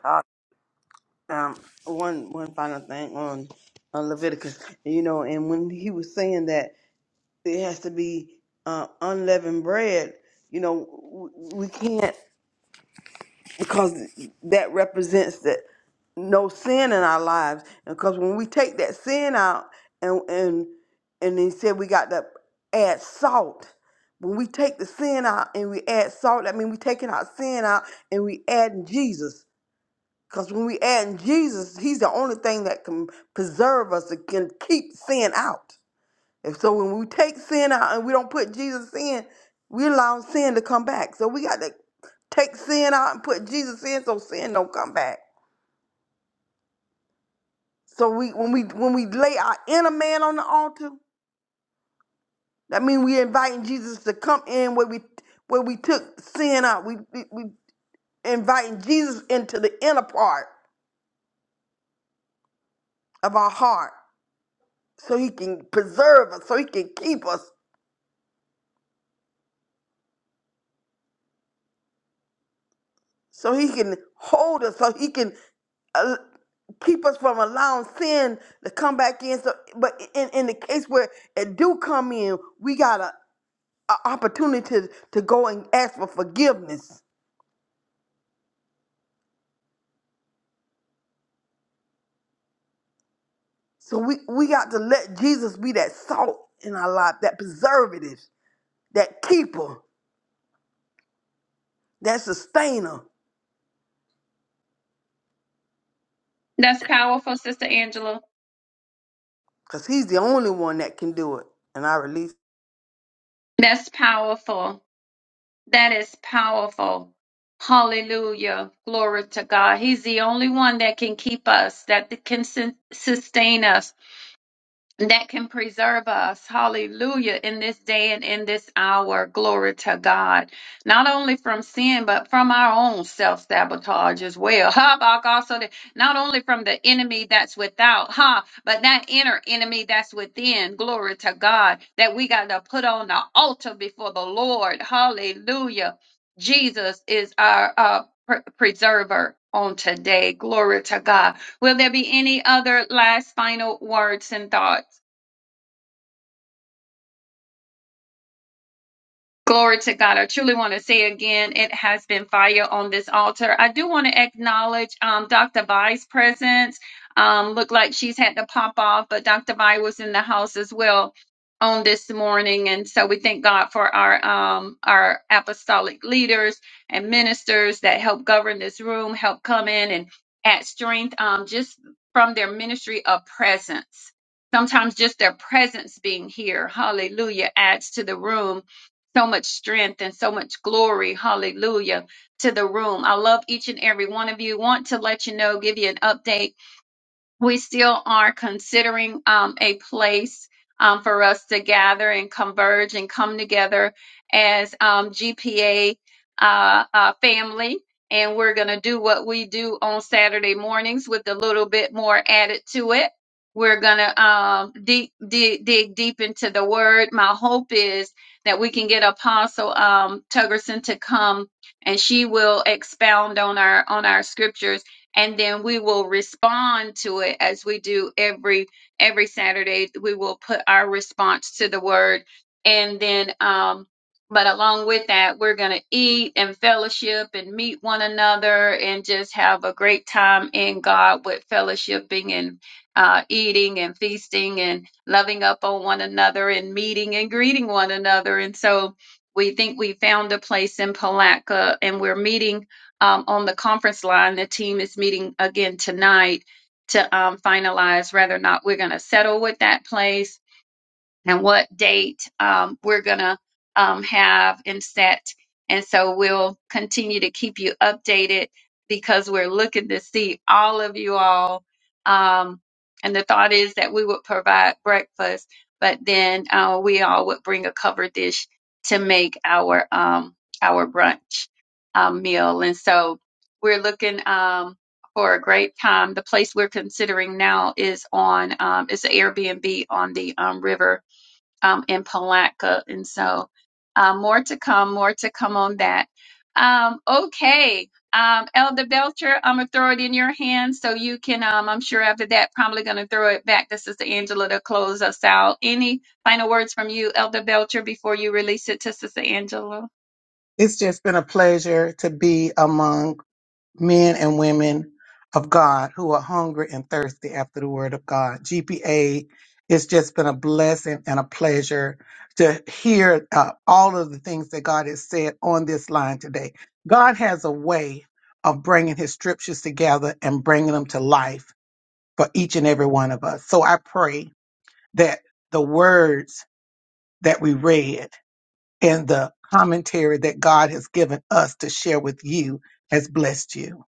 Speaker 5: Um, one one final thing on, on Leviticus. You know, and when he was saying that it has to be uh, unleavened bread, you know, w- we can't because that represents that no sin in our lives. because when we take that sin out and and and he said we got to add salt. When we take the sin out and we add salt, that means we taking our sin out and we adding Jesus. Because when we add in Jesus, He's the only thing that can preserve us That can keep sin out. And so when we take sin out and we don't put Jesus in, we allow sin to come back. So we got to take sin out and put Jesus in so sin don't come back. So we when we when we lay our inner man on the altar, that means we inviting Jesus to come in where we where we took sin out. We we, we inviting Jesus into the inner part of our heart so he can preserve us, so he can keep us so he can hold us, so he can uh, keep us from allowing sin to come back in. So, but in, in the case where it do come in, we got a, a opportunity to, to go and ask for forgiveness. So we, we got to let Jesus be that salt in our life, that preservative, that keeper, that sustainer,
Speaker 6: That's powerful, Sister Angela.
Speaker 5: because he's the only one that can do it. And I release.
Speaker 6: That's powerful. That is powerful. Hallelujah. Glory to God. He's the only one that can keep us, that can sus- sustain us that can preserve us, hallelujah, in this day and in this hour. Glory to God. Not only from sin, but from our own self sabotage as well. Habakkuk also, that- not only from the enemy that's without, huh, but that inner enemy that's within. Glory to God. That we got to put on the altar before the Lord. Hallelujah. Jesus is our uh, pre- preserver on today. Glory to God. Will there be any other last final words and thoughts? Glory to God. I truly want to say again, it has been fire on this altar. I do want to acknowledge um, Dr. Vi's presence. Um, looked like she's had to pop off, but Dr. Vi was in the house as well on this morning. And so we thank God for our um, our apostolic leaders and ministers that help govern this room, help come in and add strength um, just from their ministry of presence. Sometimes just their presence being here, hallelujah, adds to the room so much strength and so much glory. Hallelujah to the room. I love each and every one of you. Want to let you know, give you an update we still are considering um, a place um, for us to gather and converge and come together as um, GPA uh, uh, family. And we're going to do what we do on Saturday mornings with a little bit more added to it. We're going to um, deep, dig, dig deep into the word. My hope is that we can get Apostle um, Tuggerson to come and she will expound on our on our scriptures and then we will respond to it as we do every every saturday we will put our response to the word and then um but along with that we're going to eat and fellowship and meet one another and just have a great time in god with fellowshipping and uh, eating and feasting and loving up on one another and meeting and greeting one another and so we think we found a place in palatka and we're meeting um, on the conference line. The team is meeting again tonight to um, finalize whether or not we're going to settle with that place and what date um, we're going to um, have and set. And so we'll continue to keep you updated because we're looking to see all of you all. Um, and the thought is that we would provide breakfast, but then uh, we all would bring a cover dish to make our um, our brunch um, meal. And so we're looking um, for a great time. The place we're considering now is on um, it's an Airbnb on the um, river um, in Palatka. And so uh, more to come, more to come on that. Um, okay. Um, Elder Belcher, I'm gonna throw it in your hands so you can, um, I'm sure after that, probably gonna throw it back to Sister Angela to close us out. Any final words from you, Elder Belcher, before you release it to Sister Angela?
Speaker 1: It's just been a pleasure to be among men and women of God who are hungry and thirsty after the word of God. GPA, it's just been a blessing and a pleasure to hear uh, all of the things that God has said on this line today. God has a way of bringing his scriptures together and bringing them to life for each and every one of us. So I pray that the words that we read and the commentary that God has given us to share with you has blessed you.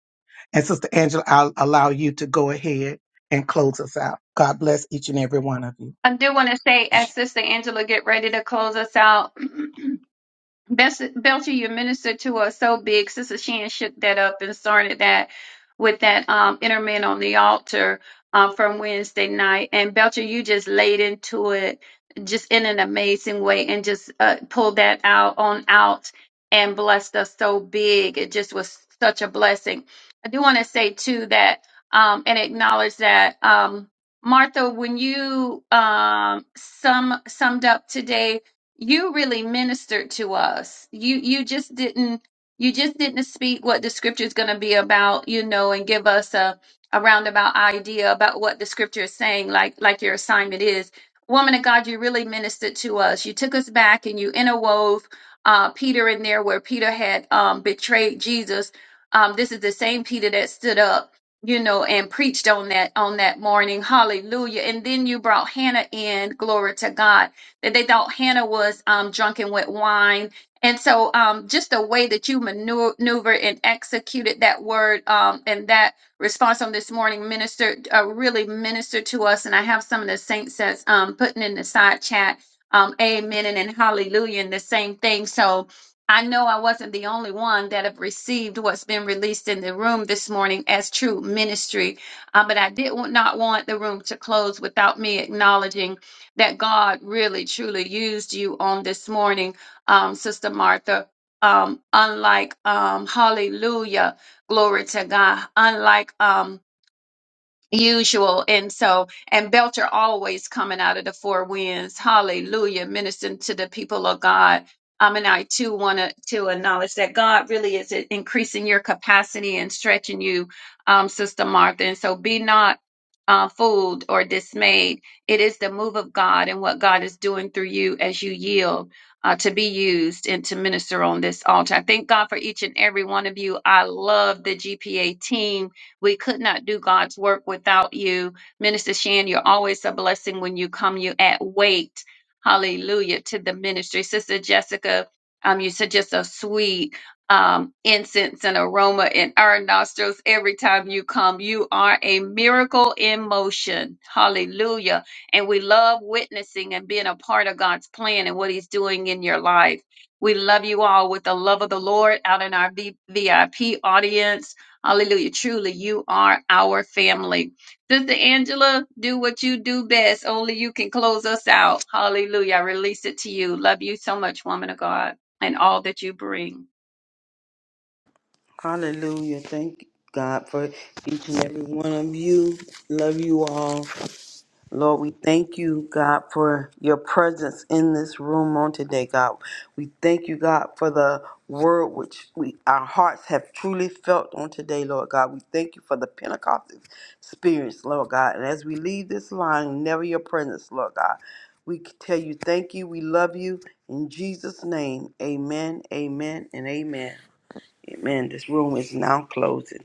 Speaker 1: And Sister Angela, I'll allow you to go ahead and close us out. God bless each and every one of you.
Speaker 6: I do want to say, as Sister Angela get ready to close us out, Bes- Belcher, you ministered to us so big. Sister Shan shook that up and started that with that um, interment on the altar uh, from Wednesday night. And Belcher, you just laid into it just in an amazing way and just uh, pulled that out on out and blessed us so big. It just was such a blessing. I do want to say too that um, and acknowledge that um, Martha, when you um, sum summed up today you really ministered to us you you just didn't you just didn't speak what the scripture is going to be about you know and give us a, a roundabout idea about what the scripture is saying like like your assignment is woman of god you really ministered to us you took us back and you interwove uh, peter in there where peter had um, betrayed jesus um, this is the same peter that stood up you know and preached on that on that morning hallelujah and then you brought hannah in glory to god that they thought Hannah was um, drunken with wine. And so, um, just the way that you maneu- maneuvered and executed that word um, and that response on this morning ministered, uh, really ministered to us. And I have some of the saints that's um, putting in the side chat, um, amen and, and hallelujah, and the same thing. So, I know I wasn't the only one that have received what's been released in the room this morning as true ministry, uh, but I did not want the room to close without me acknowledging that God really truly used you on this morning, um, Sister Martha. Um, unlike um, Hallelujah, glory to God. Unlike um, usual. And so, and Belcher always coming out of the four winds. Hallelujah. Ministering to the people of God. Um, and I too want to to acknowledge that God really is increasing your capacity and stretching you, um, Sister Martha. And so be not uh, fooled or dismayed. It is the move of God and what God is doing through you as you yield uh, to be used and to minister on this altar. I thank God for each and every one of you. I love the GPA team we could not do God's work without you. Minister Shan, you're always a blessing when you come. You add weight, hallelujah, to the ministry. Sister Jessica, um, you said just a sweet um, incense and aroma in our nostrils every time you come. You are a miracle in motion. Hallelujah. And we love witnessing and being a part of God's plan and what He's doing in your life. We love you all with the love of the Lord out in our V- VIP audience. Hallelujah. Truly, you are our family. Sister Angela, do what you do best. Only you can close us out. Hallelujah. I release it to you. Love you so much, woman of God, and all that you bring.
Speaker 5: Hallelujah. Thank God for each and every one of you. Love you all. Lord, we thank you, God, for your presence in this room on today, God. We thank you, God, for the word which we our hearts have truly felt on today, Lord God. We thank you for the Pentecost experience, Lord God. And as we leave this line, never your presence, Lord God. We tell you thank you. We love you. In Jesus' name, amen, amen, and amen. Amen. This room is now closing.